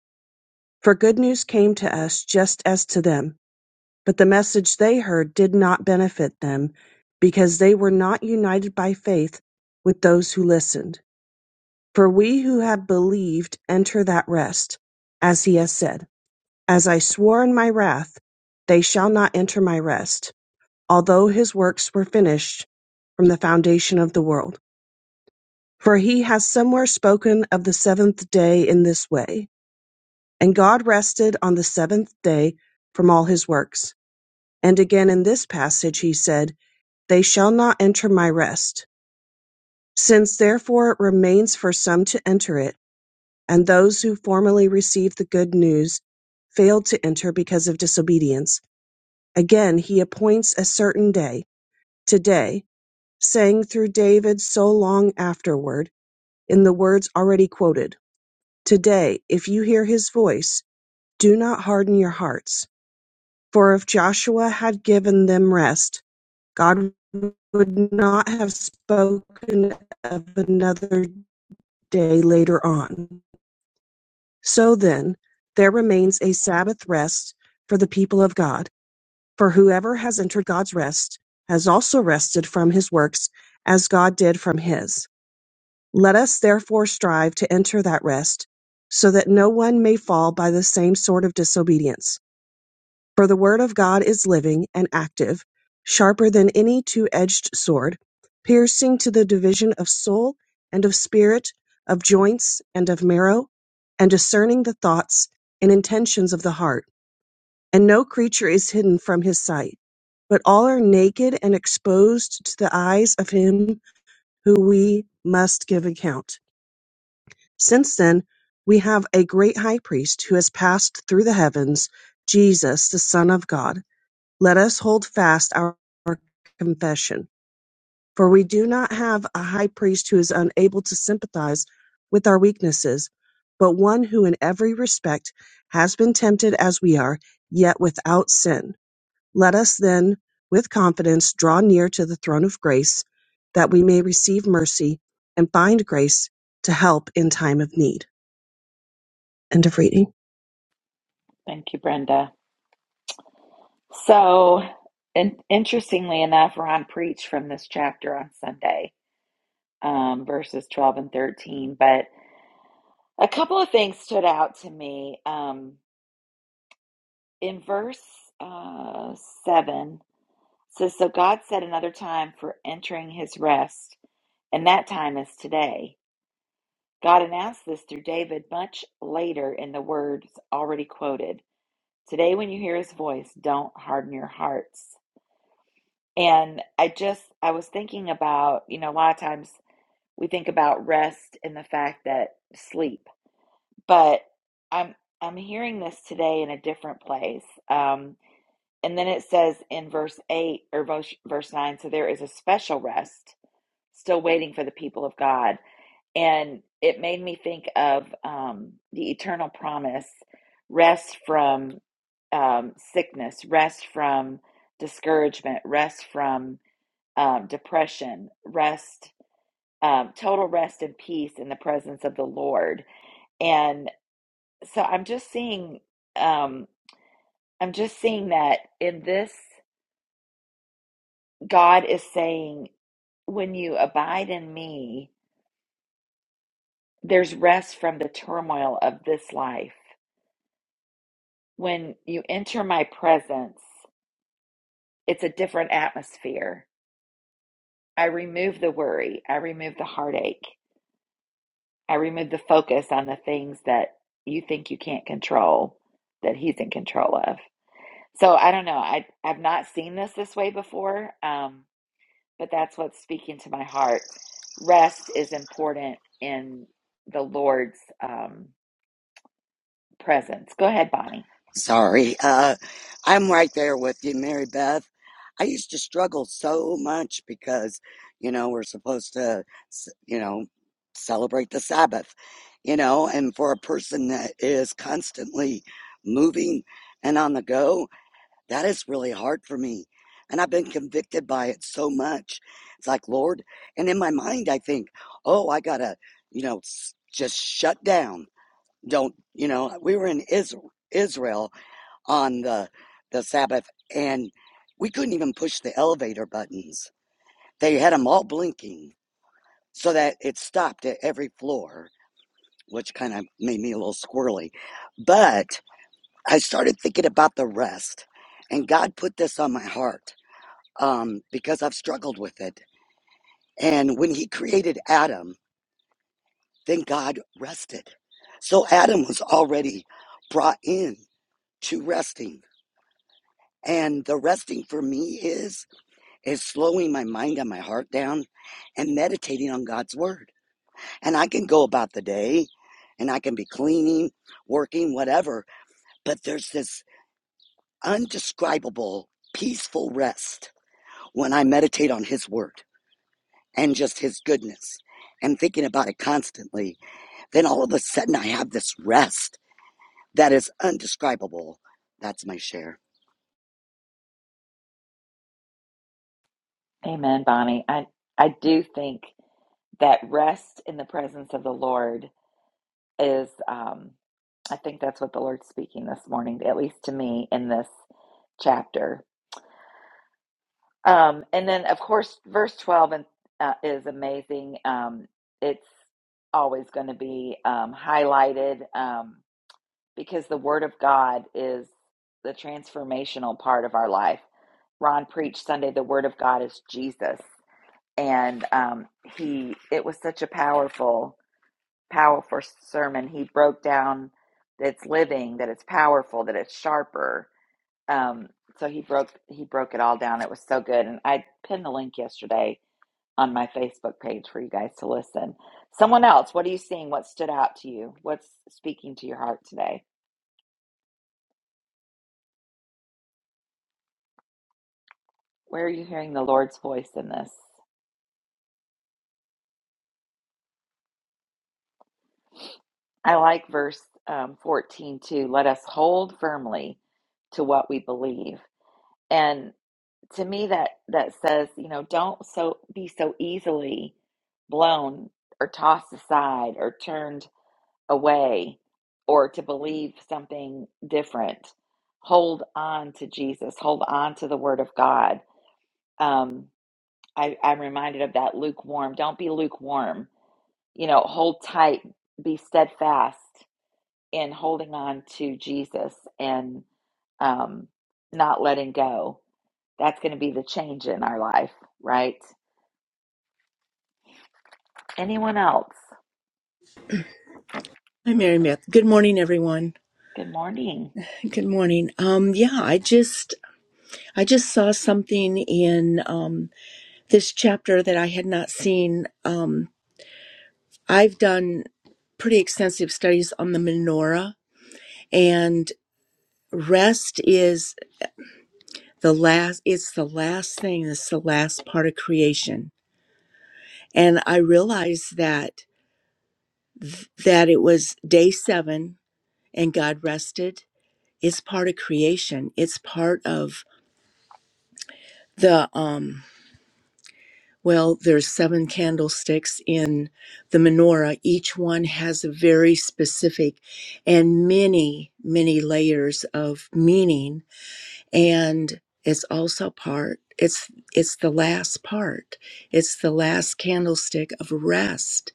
For good news came to us just as to them, but the message they heard did not benefit them because they were not united by faith with those who listened. For we who have believed enter that rest, as he has said, As I swore in my wrath, they shall not enter my rest although his works were finished from the foundation of the world. For he has somewhere spoken of the seventh day in this way, and God rested on the seventh day from all his works. And again in this passage he said, They shall not enter my rest. Since therefore it remains for some to enter it, and those who formerly received the good news failed to enter because of disobedience, again he appoints a certain day, today, sang through David so long afterward, in the words already quoted Today, if you hear his voice, do not harden your hearts. For if Joshua had given them rest, God would not have spoken of another day later on. So then, there remains a Sabbath rest for the people of God. For whoever has entered God's rest has also rested from his works as God did from his. Let us therefore strive to enter that rest, so that no one may fall by the same sort of disobedience. For the word of God is living and active, sharper than any two edged sword, piercing to the division of soul and of spirit, of joints and of marrow, and discerning the thoughts and intentions of the heart. And no creature is hidden from his sight, but all are naked and exposed to the eyes of him who we must give account. Since then, we have a great high priest who has passed through the heavens, Jesus, the Son of God. Let us hold fast our confession. For we do not have a high priest who is unable to sympathize with our weaknesses, but one who in every respect has been tempted as we are, yet without sin. Let us then, with confidence, draw near to the throne of grace, that we may receive mercy and find grace to help in time of need. End of reading.
Thank you, Brenda. So, and interestingly enough, Ron preached from this chapter on Sunday, um, verses 12 and 13. But a couple of things stood out to me. Um, in verse uh, 7, it says, So God set another time for entering his rest, and that time is today. God announced this through David much later in the words already quoted. Today, when you hear his voice, don't harden your hearts. And I just, I was thinking about, you know, a lot of times we think about rest and the fact that sleep, but I'm, I'm hearing this today in a different place. Um, and then it says in verse 8 or verse, verse 9, so there is a special rest still waiting for the people of God. And it made me think of um, the eternal promise rest from um, sickness, rest from discouragement, rest from um, depression, rest, um, total rest and peace in the presence of the Lord. And so I'm just seeing, um, I'm just seeing that in this, God is saying, when you abide in me, there's rest from the turmoil of this life. When you enter my presence, it's a different atmosphere. I remove the worry, I remove the heartache. I remove the focus on the things that you think you can't control that he's in control of. So I don't know. I I've not seen this this way before, um, but that's what's speaking to my heart. Rest is important in the Lord's um, presence. Go ahead, Bonnie.
Sorry. Uh, I'm right there with you, Mary Beth. I used to struggle so much because, you know, we're supposed to, s- you know, celebrate the Sabbath, you know, and for a person that is constantly moving and on the go, that is really hard for me. And I've been convicted by it so much. It's like, Lord, and in my mind, I think, oh, I gotta, you know, s- just shut down. Don't, you know, we were in Israel. Israel on the the Sabbath, and we couldn't even push the elevator buttons. They had them all blinking so that it stopped at every floor, which kind of made me a little squirrely. But I started thinking about the rest, and God put this on my heart um, because I've struggled with it. And when He created Adam, then God rested. So Adam was already brought in to resting. And the resting for me is is slowing my mind and my heart down and meditating on God's word. And I can go about the day and I can be cleaning, working, whatever, but there's this undescribable peaceful rest when I meditate on his word and just his goodness and thinking about it constantly. Then all of a sudden I have this rest that is undescribable. That's my share.
Amen, Bonnie. I I do think that rest in the presence of the Lord is. Um, I think that's what the Lord's speaking this morning, at least to me in this chapter Um, and then, of course, verse 12 and, uh, is amazing. Um, it's always going to be um, highlighted um, because the Word of God is the transformational part of our life. Ron preached Sunday, the Word of God is Jesus. And um, he, it was such a powerful, powerful sermon. He broke down that it's living, that it's powerful, that it's sharper, um, so he broke he broke it all down. It was so good, and I pinned the link yesterday on my Facebook page for you guys to listen. Someone else, what are you seeing? What stood out to you? What's speaking to your heart today? Where are you hearing the Lord's voice in this? I like verse um, fourteen too. Let us hold firmly to what we believe, and to me that that says, you know, don't so be so easily blown or tossed aside or turned away or to believe something different. Hold on to Jesus. Hold on to the Word of God. Um, I, I'm reminded of that lukewarm. Don't be lukewarm. You know, hold tight. Be steadfast in holding on to Jesus and um, not letting go. That's going to be the change in our life, right? Anyone else?
Hi, Mary Beth. Good morning, everyone.
Good morning.
Good morning. Um, yeah, I just I just saw something in um, this chapter that I had not seen. Um, I've done pretty extensive studies on the menorah, and rest is the last. It's the last thing. It's the last part of creation, and I realized that that it was day seven, and God rested. It's part of creation. It's part of the um Well, there's seven candlesticks in the menorah. Each one has a very specific and many, many layers of meaning and it's also part it's it's the last part it's the last candlestick of rest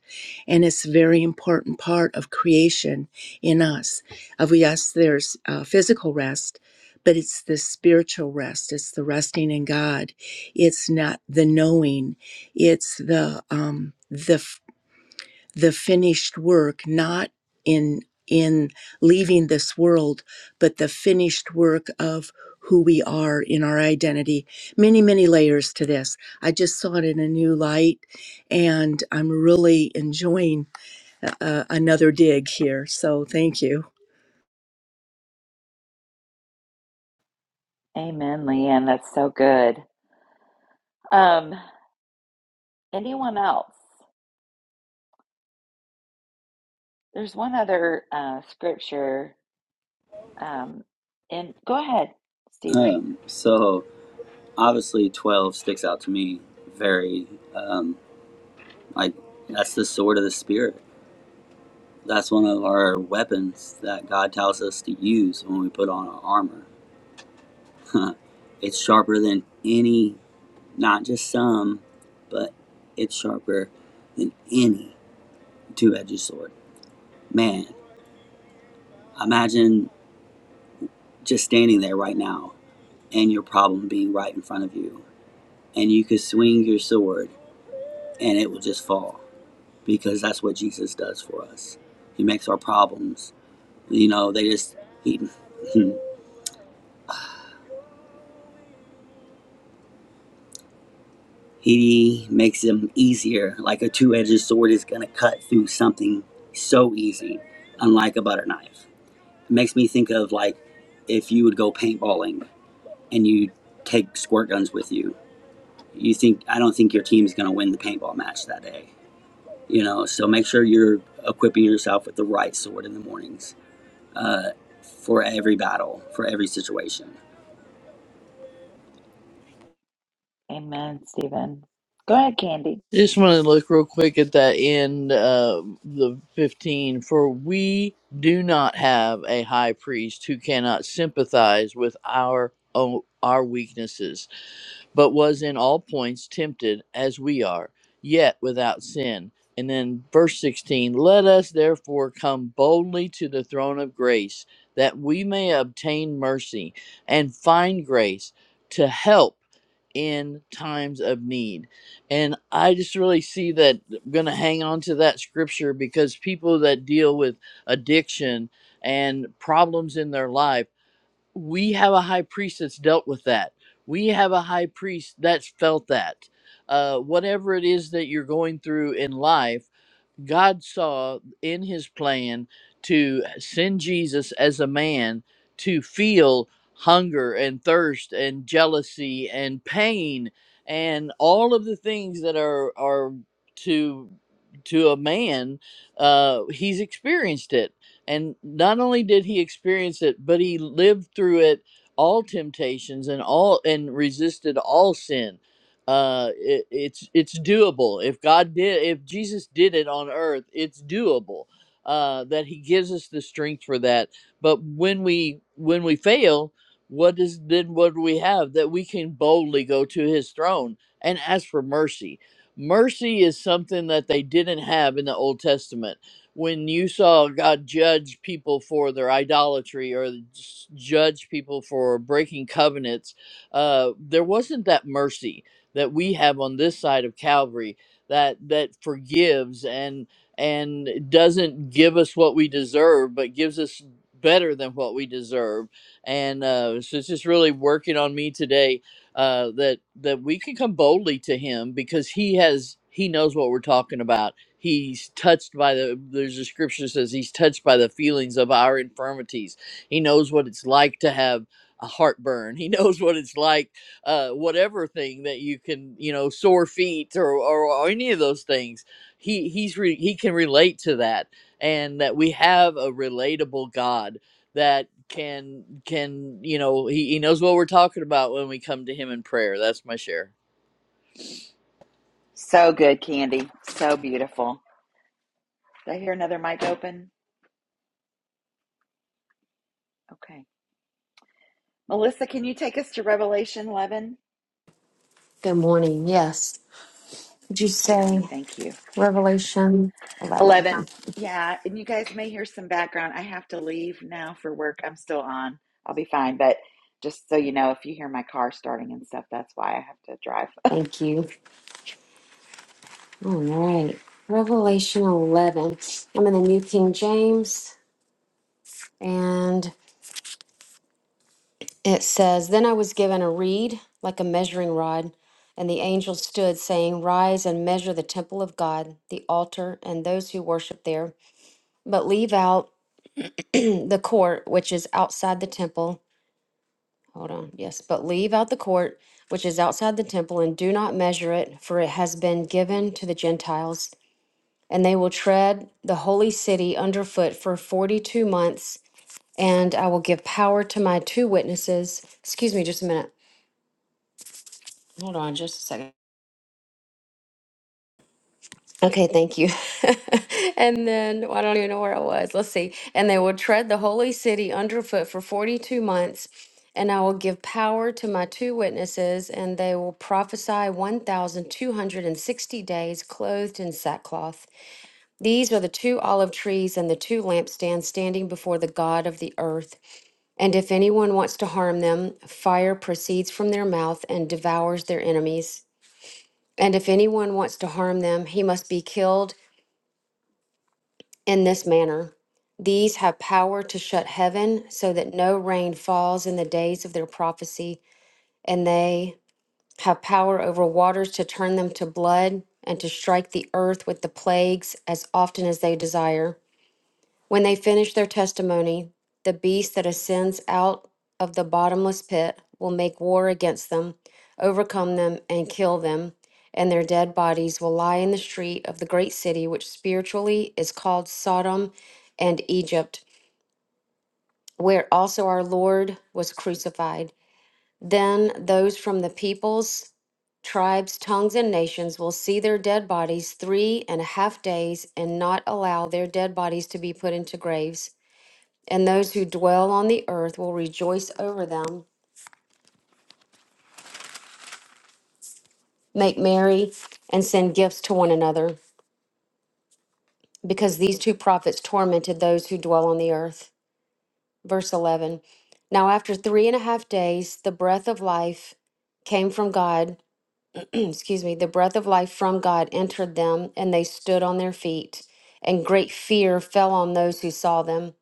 and it's a very important part of creation in us of yes there's uh, physical rest but it's the spiritual rest it's the resting in god it's not the knowing it's the um the the finished work not in in leaving this world but the finished work of who we are in our identity many many layers to this i just saw it in a new light and i'm really enjoying uh, uh, another dig here so thank you
Amen, Leanne. That's so good. Um, anyone else? There's one other uh, scripture. Um, and go ahead, Stephen.
Um, so, obviously 12 sticks out to me very um like that's the sword of the spirit that's one of our weapons that god tells us to use when we put on our armor it's sharper than any not just some but it's sharper than any two-edged sword man imagine just standing there right now and your problem being right in front of you and you could swing your sword and it will just fall because that's what Jesus does for us. He makes our problems. You know, they just he [laughs] he makes them easier. Like a two-edged sword is gonna cut through something so easy, unlike a butter knife. It makes me think of like if you would go paintballing and you take squirt guns with you. You think I don't think your team's gonna win the paintball match that day. You know, so make sure you're equipping yourself with the right sword in the mornings uh, for every battle, for every situation.
Amen, Stephen. Go ahead, Candy.
Just want to look real quick at that end, uh, the 15. For we do not have a high priest who cannot sympathize with our o- our weaknesses, but was in all points tempted as we are, yet without sin. And then verse 16, let us therefore come boldly to the throne of grace that we may obtain mercy and find grace to help in times of need. And I just really see that I'm going to hang on to that scripture because people that deal with addiction and problems in their life, we have a high priest that's dealt with that. We have a high priest that's felt that. Uh, whatever it is that you're going through in life, God saw in his plan to send Jesus as a man to feel hunger and thirst and jealousy and pain and all of the things that are are to to a man uh he's experienced it and not only did he experience it but he lived through it all temptations and all and resisted all sin uh it, it's it's doable if god did if jesus did it on earth it's doable uh that he gives us the strength for that but when we when we fail what is then what do we have that we can boldly go to his throne and ask for mercy mercy is something that they didn't have in the old testament when you saw god judge people for their idolatry or judge people for breaking covenants uh, there wasn't that mercy that we have on this side of Calvary that that forgives and and doesn't give us what we deserve, but gives us better than what we deserve. And uh, so it's just really working on me today uh, that that we can come boldly to Him because He has He knows what we're talking about. He's touched by the there's a scripture that says He's touched by the feelings of our infirmities. He knows what it's like to have a heartburn. He [laughs] knows what it's like uh, whatever thing that you can, you know, sore feet or, or, or any of those things. He he's re- he can relate to that, and that we have a relatable God that can can you know he, he knows what we're talking about when we come to him in prayer. That's my share.
So good, Candy. So beautiful. Did I hear another mic open? Okay. Melissa, can you take us to Revelation 11?
Good morning. Yes. Would you
Good morning.
say
Thank you.
Revelation 11?
11. Yeah, and you guys may hear some background. I have to leave now for work. I'm still on. I'll be fine. But just so you know, if you hear my car starting and stuff, that's why I have to drive.
Thank you. All right. Revelation 11. I'm in the New King James, and it says Then I was given a reed like a measuring rod, and the angel stood, saying, 'Rise and measure the temple of God, the altar, and those who worship there, but leave out [clears throat] the court which is outside the temple. Hold on. Yes, but leave out the court which is outside the temple and do not measure it, for it has been given to the Gentiles, and they will tread the holy city underfoot for 42 months, and I will give power to my two witnesses. Excuse me just a minute. Hold on just a second. Okay, thank you. [laughs] and then well, I don't even know where I was. Let's see. And they will tread the holy city underfoot for 42 months, and I will give power to my two witnesses, and they will prophesy 1,260 days clothed in sackcloth. These are the two olive trees and the two lampstands standing before the God of the earth. And if anyone wants to harm them, fire proceeds from their mouth and devours their enemies. And if anyone wants to harm them, he must be killed in this manner. These have power to shut heaven so that no rain falls in the days of their prophecy, and they have power over waters to turn them to blood and to strike the earth with the plagues as often as they desire. When they finish their testimony, the beast that ascends out of the bottomless pit will make war against them, overcome them, and kill them, and their dead bodies will lie in the street of the great city, which spiritually is called Sodom and Egypt, where also our Lord was crucified. Then those from the peoples, tribes, tongues, and nations will see their dead bodies three and a half days and not allow their dead bodies to be put into graves and those who dwell on the earth will rejoice over them, make merry, and send gifts to one another, because these two prophets tormented those who dwell on the earth. Verse 11 Now, after three and a half days, the breath of life came from God, [clears throat] excuse me, the breath of life from God entered them, and they stood on their feet, and great fear fell on those who saw them.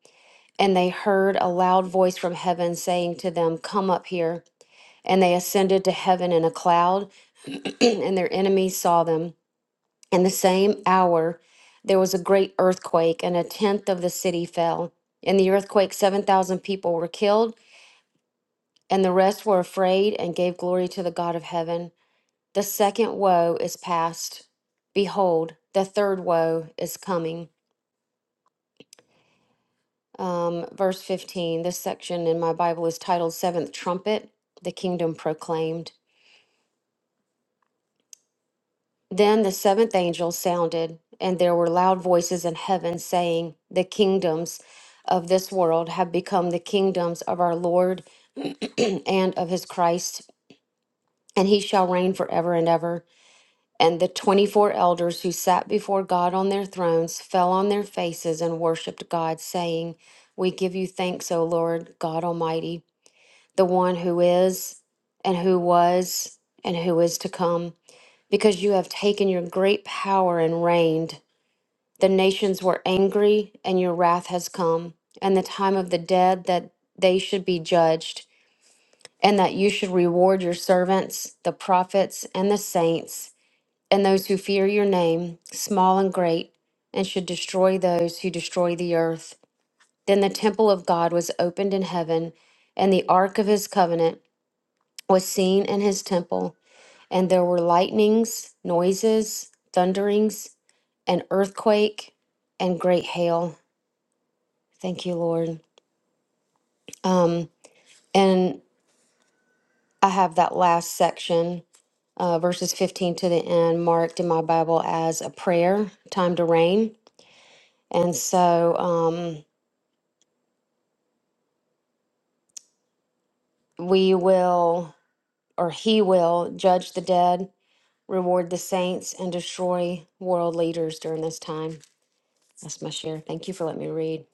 And they heard a loud voice from heaven saying to them, Come up here. And they ascended to heaven in a cloud [clears throat] and their enemies saw them. In the same hour, there was a great earthquake, and a tenth of the city fell. In the earthquake, 7,000 people were killed, and the rest were afraid and gave glory to the God of heaven. The second woe is past. Behold, the third woe is coming. Um, verse 15, this section in my Bible is titled Seventh Trumpet, the Kingdom Proclaimed. Then the seventh angel sounded, and there were loud voices in heaven saying, The kingdoms of this world have become the kingdoms of our Lord [clears throat] and of his Christ, and he shall reign forever and ever. And the 24 elders who sat before God on their thrones fell on their faces and worshiped God, saying, We give you thanks, O Lord God Almighty, the one who is, and who was, and who is to come, because you have taken your great power and reigned. The nations were angry, and your wrath has come, and the time of the dead that they should be judged, and that you should reward your servants, the prophets, and the saints, and those who fear your name, small and great, and should destroy those who destroy the earth. Then the temple of God was opened in heaven, and the ark of his covenant was seen in his temple, and there were lightnings, noises, thunderings, an earthquake, and great hail. Thank you, Lord. Um, and I have that last section, uh, verses 15 to the end, marked in my Bible as a prayer, time to reign. And so um, we will, or he will, judge the dead, reward the saints, and destroy world leaders during this time. That's my share. Thank you for letting me read.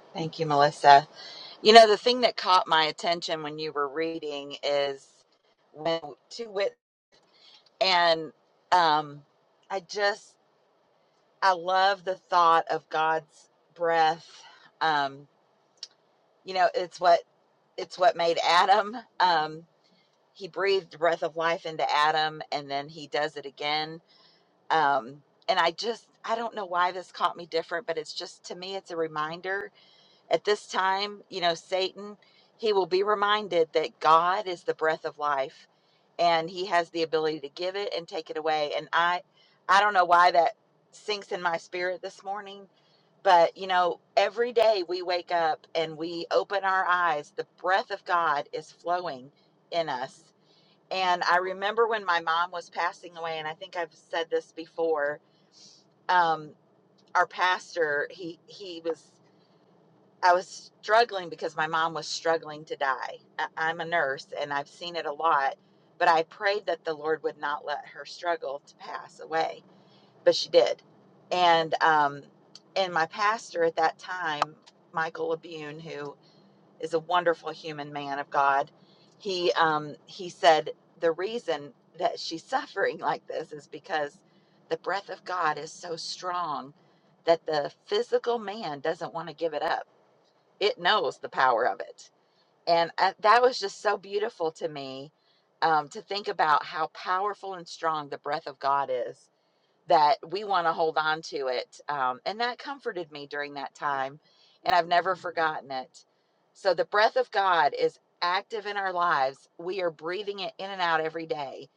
[laughs] Thank you, Melissa. You know, the thing that caught my attention when you were reading is when to wit and um I just I love the thought of God's breath. Um, you know, it's what it's what made Adam. Um, he breathed the breath of life into Adam and then he does it again. Um, and I just I don't know why this caught me different, but it's just to me it's a reminder At this time, you know, Satan, he will be reminded that God is the breath of life and he has the ability to give it and take it away. And I I don't know why that sinks in my spirit this morning, but you know, every day we wake up and we open our eyes, the breath of God is flowing in us. And I remember when my mom was passing away, and I think I've said this before, um, our pastor, he he was I was struggling because my mom was struggling to die. I- am a nurse and I've seen it a lot, but I prayed that the Lord would not let her struggle to pass away, but she did. And um, and my pastor at that time, Michael Labune, who is a wonderful human man of God, he um, he said the reason that she's [laughs] suffering like this is because the breath of God is so strong that the physical man doesn't want to give it up it knows the power of it. And uh, that was just so beautiful to me um, to think about how powerful and strong the breath of God is that we want to hold on to it. Um, and that comforted me during that time. And I've never forgotten it. So the breath of God is active in our lives. We are breathing it in and out every day.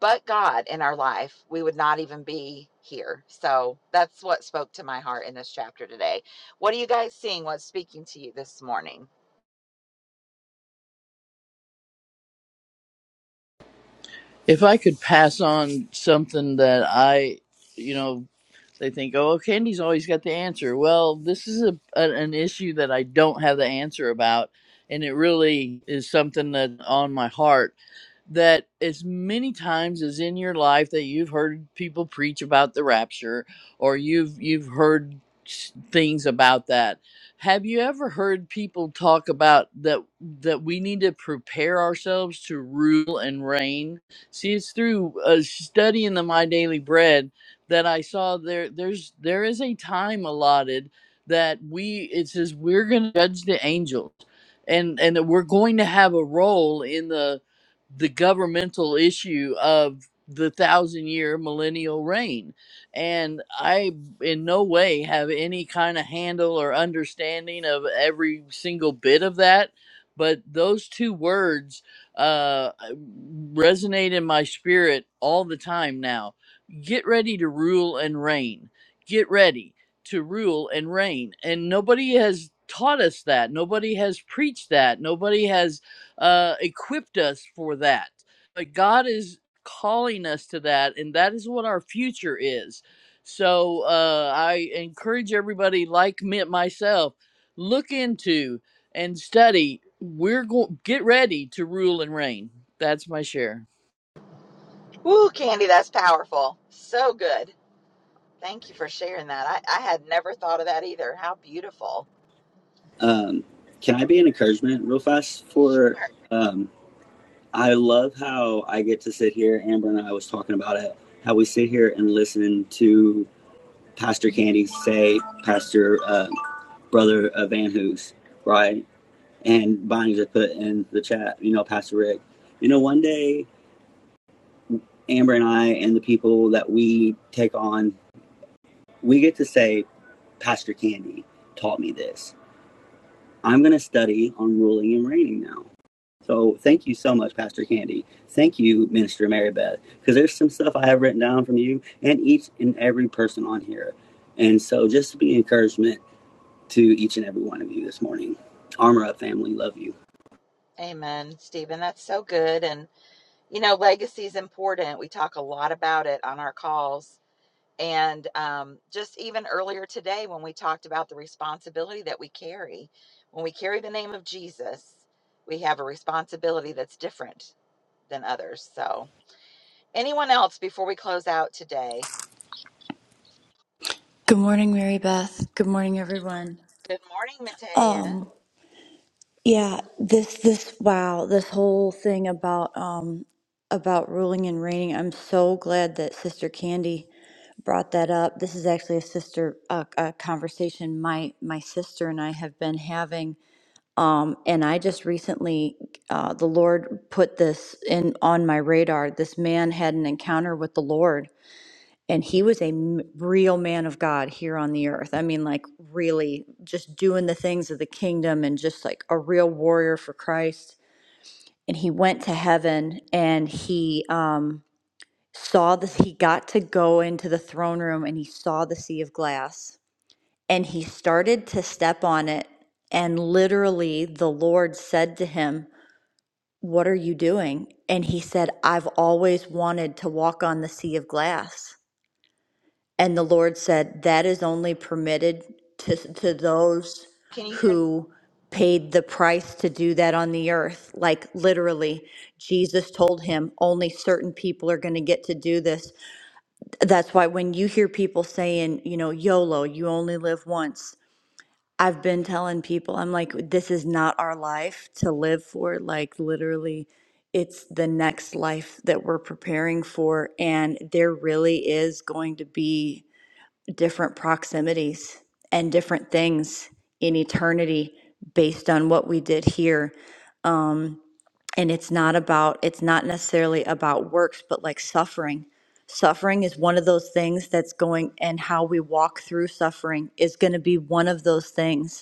But God in our life, we would not even be here. So that's what spoke to my heart in this chapter today. What are you guys seeing? What's speaking to you this morning?
If I could pass on something that I, you know. They think, oh, Candy's always got the answer. Well, this is a, an an issue that I don't have the answer about, and it really is something that's on my heart that as many times as in your life that you've heard people preach about the rapture or you've you've heard s- things about that have you ever heard people talk about that that we need to prepare ourselves to rule and reign see it's through uh, studying the my daily bread that i saw there there's there is a time allotted that we it says we're going to judge the angels and and that we're going to have a role in the the governmental issue of the thousand year millennial reign. And I, in no way, have any kind of handle or understanding of every single bit of that. But those two words uh, resonate in my spirit all the time now. Get ready to rule and reign. Get ready to rule and reign. And nobody has taught us that. Nobody has preached that. Nobody has uh, equipped us for that. But God is calling us to that, and that is what our future is. So uh, I encourage everybody, like me myself, look into and study. We're going get ready to rule and reign. That's my share.
Ooh, Candy, that's powerful. So good. Thank you for sharing that. I, I had never thought of that either. How beautiful.
Um, can I be an encouragement real fast for?
Sure.
Um, I love how I get to sit here. Amber and I was talking about it. How we sit here and listen to Pastor Candy say, Pastor uh, Brother uh, Van Hoos, right? And Bonnie just put in the chat, you know, Pastor Rick. You know, one day Amber and I and the people that we take on, we get to say, Pastor Candy taught me this. I'm going to study on ruling and reigning now. So thank you so much, Pastor Candy. Thank you, Minister Mary Beth, because there's some stuff I have written down from you and each and every person on here. And so just to be an encouragement to each and every one of you this morning. Armor up, family. Love you.
Amen, Stephen. That's so good. And, you know, legacy is important. We talk a lot about it on our calls. And um, just even earlier today, when we talked about the responsibility that we carry, when we carry the name of Jesus, we have a responsibility that's different than others. So, anyone else before we close out today?
Good morning, Mary Beth. Good morning, everyone.
Good morning, Matea.
Um, yeah, this this wow, this whole thing about um about ruling and reigning. I'm so glad that Sister Candy brought that up. This is actually a sister uh, a conversation my my sister and I have been having. Um, and I just recently, uh, the Lord put this in on my radar. This man had an encounter with the Lord and he was a m- real man of God here on the earth. I mean, like, really just doing the things of the kingdom and just like a real warrior for Christ. And he went to heaven and he um, saw this, he got to go into the throne room and he saw the sea of glass and he started to step on it. And literally, the Lord said to him, What are you doing? And he said, I've always wanted to walk on the sea of glass. And the Lord said, That is only permitted to, to those
Can you hear?
who paid the price to do that on the earth. Like literally, Jesus told him, Only certain people are going to get to do this. That's why when you hear people saying, you know, YOLO, you only live once. I've been telling people, I'm like, this is not our life to live for. Like, literally, it's the next life that we're preparing for. And there really is going to be different proximities and different things in eternity based on what we did here and it's not about it's not necessarily about works but like suffering suffering is one of those things that's going and how we walk through suffering is going to be one of those things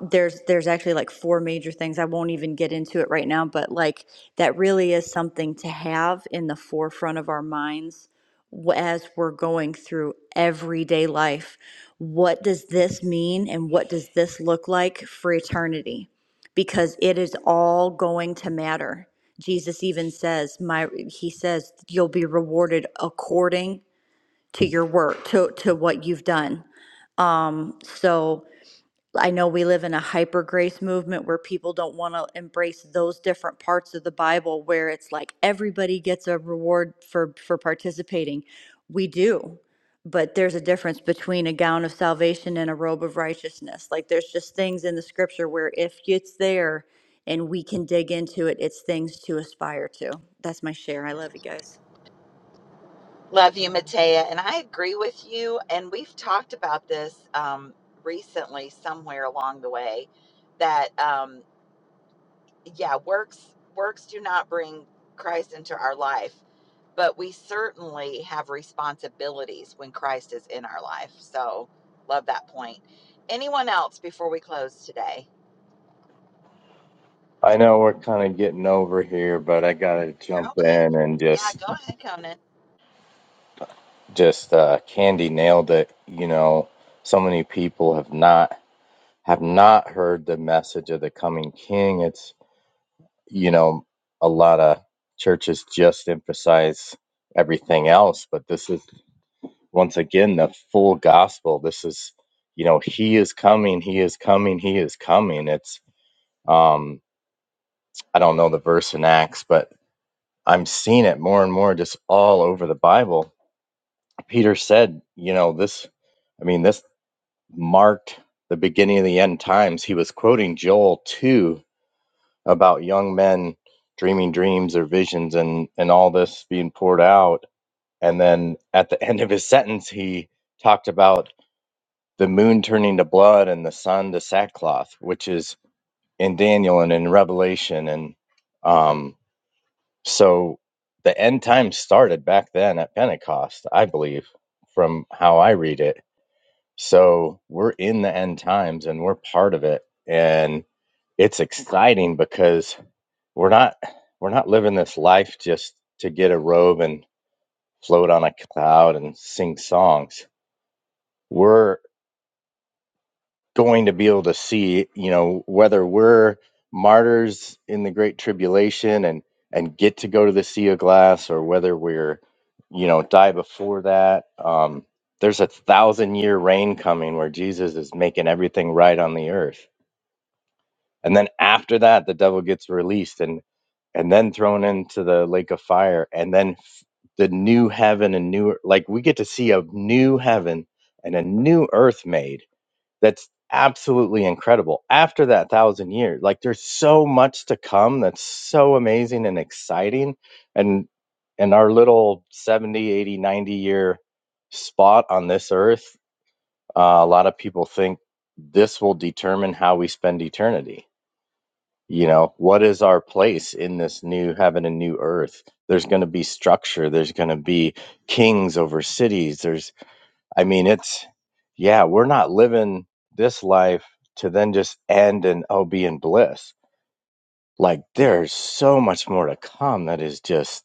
there's there's actually like four major things i won't even get into it right now but like that really is something to have in the forefront of our minds w- as we're going through everyday life what does this mean and what does this look like for eternity because it is all going to matter jesus even says my he says you'll be rewarded according to your work to to what you've done um so I know we live in a hyper grace movement where people don't want to embrace those different parts of the Bible where it's like everybody gets a reward for for participating. We do. But there's a difference between a gown of salvation and a robe of righteousness. Like there's just things in the scripture where if it's there and we can dig into it, it's things to aspire to. That's my share. I love you guys.
Love you, Matea. And I agree with you. And we've talked about this um, recently somewhere along the way that, um, yeah, works works do not bring Christ into our life, but we certainly have responsibilities when Christ is in our life. So love that point. Anyone else before we close today?
I know we're kind of getting over here, but I gotta
You're
jump
okay.
in and
Yeah,
just
go ahead, Conan.
just uh, Candy nailed it. You know, so many people have not have not heard the message of the coming King. It's you know a lot of churches just emphasize everything else, but this is once again the full gospel. This is you know He is coming, He is coming, He is coming. It's um I don't know the verse in Acts, but I'm seeing it more and more just all over the Bible. Peter said, you know this. I mean, this. marked the beginning of the end times. He was quoting Joel 2 about young men dreaming dreams or visions and, and all this being poured out. And then at the [laughs] end of his sentence, he talked about the moon turning to blood and the sun to sackcloth, which is in Daniel and in Revelation. And um, so the end times started back then at Pentecost, I believe, from how I read it So we're in the end times and we're part of it. And it's exciting because we're not we're not living this life just to get a robe and float on a cloud and sing songs. We're going to be able to see, you know, whether we're martyrs in the great tribulation and and get to go to the sea of glass, or whether we're, you know, die before that. Um, there's a thousand year reign coming where Jesus is making everything right on the earth, and then after that, the devil gets released and and then thrown into the lake of fire, and then f- the new heaven and new like we get to see a new heaven and a new earth made that's absolutely incredible after that thousand years like there's so much to come that's so amazing and exciting and and our little 70, 80, 90 year spot on this earth uh, a lot of people think this will determine how we spend eternity you know what is our place in this new heaven and new earth there's going to be structure there's going to be kings over cities there's I mean, it's, yeah, we're not living this life to then just end and, oh, be in bliss. Like, there's so much more to come that is just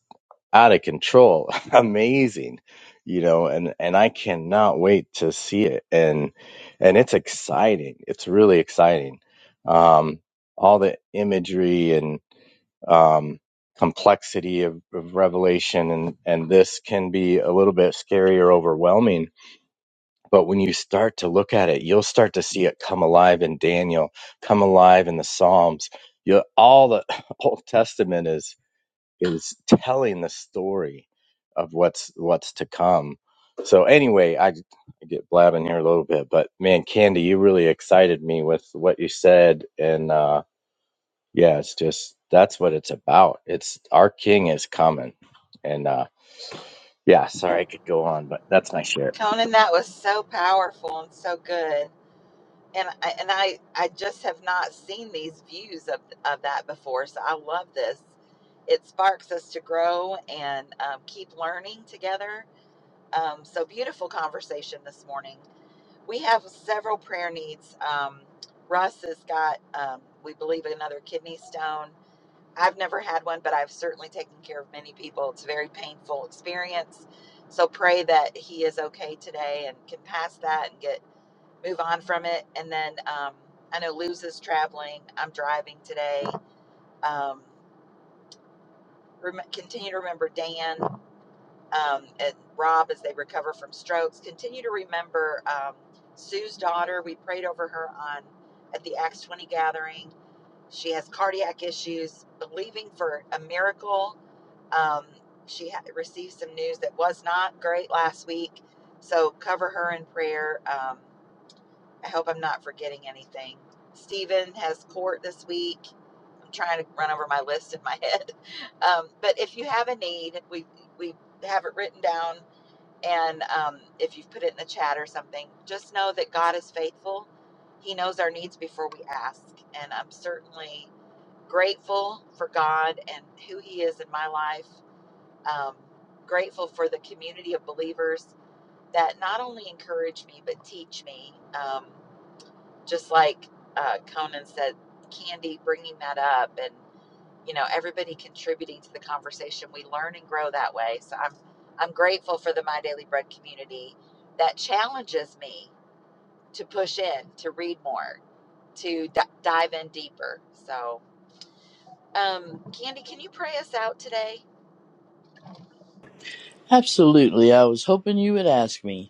out of control, [laughs] amazing, you know, and, and I cannot wait to see it. And, and it's exciting. It's really exciting. Um, all the imagery and, um, complexity of, of revelation and, and this can be a little bit scary or overwhelming but when you start to look at it, you'll start to see it come alive in Daniel, come alive in the Psalms. You all the [laughs] Old Testament is is telling the story of what's what's to come. So anyway, I, I get blabbing here a little bit, but man, Candy, you really excited me with what you said, and uh, yeah, it's just that's what it's about. It's our King is coming, and uh, yeah, sorry I could go on, but that's my share.
Conan, that was so powerful and so good. and I, and I I just have not seen these views of of that before. So I love this. It sparks us to grow and um, keep learning together. Um, so beautiful conversation this morning. We have several prayer needs. Um, Russ has got, um, we believe, another kidney stone. I've never had one, but I've certainly taken care of many people. It's a very painful experience. So pray that he is okay today and can pass that and get move on from it. And then um, I know Luz is traveling. I'm driving today. Um, rem- continue to remember Dan um, and Rob as they recover from strokes. Continue to remember um, Sue's daughter. We prayed over her on at the Acts 20 gathering. She has cardiac issues, believing for a miracle. Um, she ha- received some news that was not great last week. So cover her in prayer. Um, I hope I'm not forgetting anything. Stephen has court this week. I'm trying to run over my list in my [laughs] head. Um, but if you have a need, we we have it written down, and um, if you've put it in the chat or something, just know that God is faithful. He knows our needs before we ask, and I'm certainly grateful for God and who He is in my life. Um, grateful for the community of believers that not only encourage me but teach me. Um, just like uh, Conan said, Candy bringing that up and you know everybody contributing to the conversation. We learn and grow that way. So I'm I'm grateful for the My Daily Bread community that challenges me to push in, to read more, to d- dive in deeper. So um, Candy, can you pray us out today?
Absolutely, I was hoping you would ask me.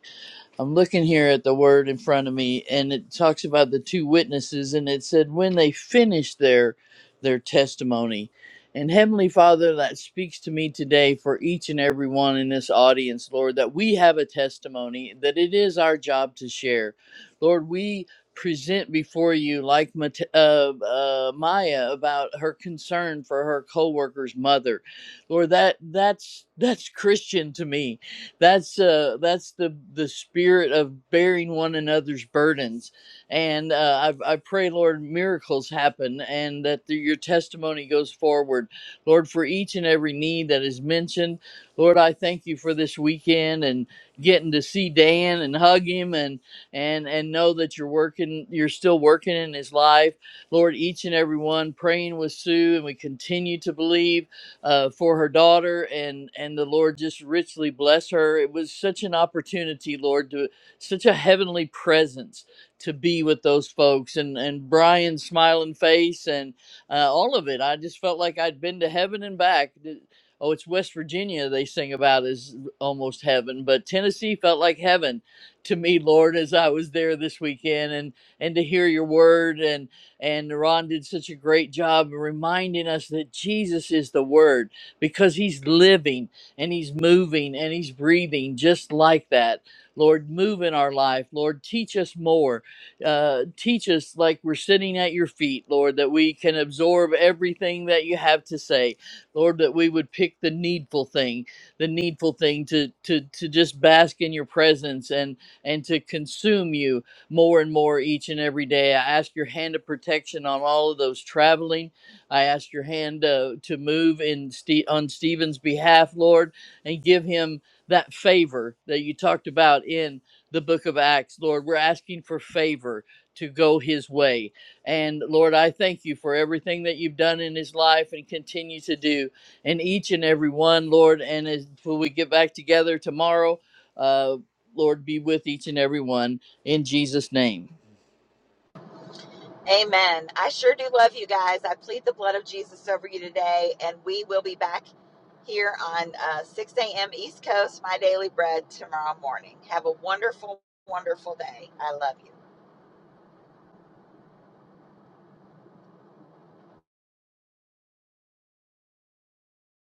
I'm looking here at the word in front of me, and it talks about the two witnesses, and it said when they finished their their testimony. And Heavenly Father, that speaks to me today for each and every one in this audience, Lord, that we have a testimony that it is our job to share. Lord, we present before you, like Mate- uh, uh, Maya, about her concern for her co-worker's mother. Lord, that that's that's Christian to me that's uh that's the the spirit of bearing one another's burdens and uh i, I pray lord miracles happen and that the, your testimony goes forward lord for each and every need that is mentioned lord i thank you for this weekend and getting to see dan and hug him and and and know that you're working you're still working in his life lord each and every one praying with sue and we continue to believe uh, for her daughter and and the lord just richly bless her it was such an opportunity lord to such a heavenly presence to be with those folks and and brian's smiling face and uh, all of it i just felt like i'd been to heaven and back The- oh it's west virginia they sing about as almost heaven but tennessee felt like heaven to me lord as i was there this weekend and and to hear your word and and Ron did such a great job reminding us that Jesus is the Word because He's living and He's moving and He's breathing just like that. Lord, move in our life. Lord, teach us more. Uh, teach us like we're sitting at your feet, Lord, that we can absorb everything that you have to say. Lord, that we would pick the needful thing, the needful thing to to to just bask in your presence and and to consume you more and more each and every day. I ask your hand of protection on all of those traveling. I ask your hand uh, to move in Ste- on Stephen's behalf, Lord, and give him that favor that you talked about in the book of Acts, Lord. We're asking for favor to go his way. And Lord, I thank you for everything that you've done in his life and continue to do in each and every one, Lord. And as when we get back together tomorrow, uh, Lord, be with each and every one in Jesus' name.
Amen. I sure do love you guys. I plead the blood of Jesus over you today, and we will be back here on uh, 6 a.m. East Coast, my daily bread tomorrow morning. Have a wonderful, wonderful day. I love you.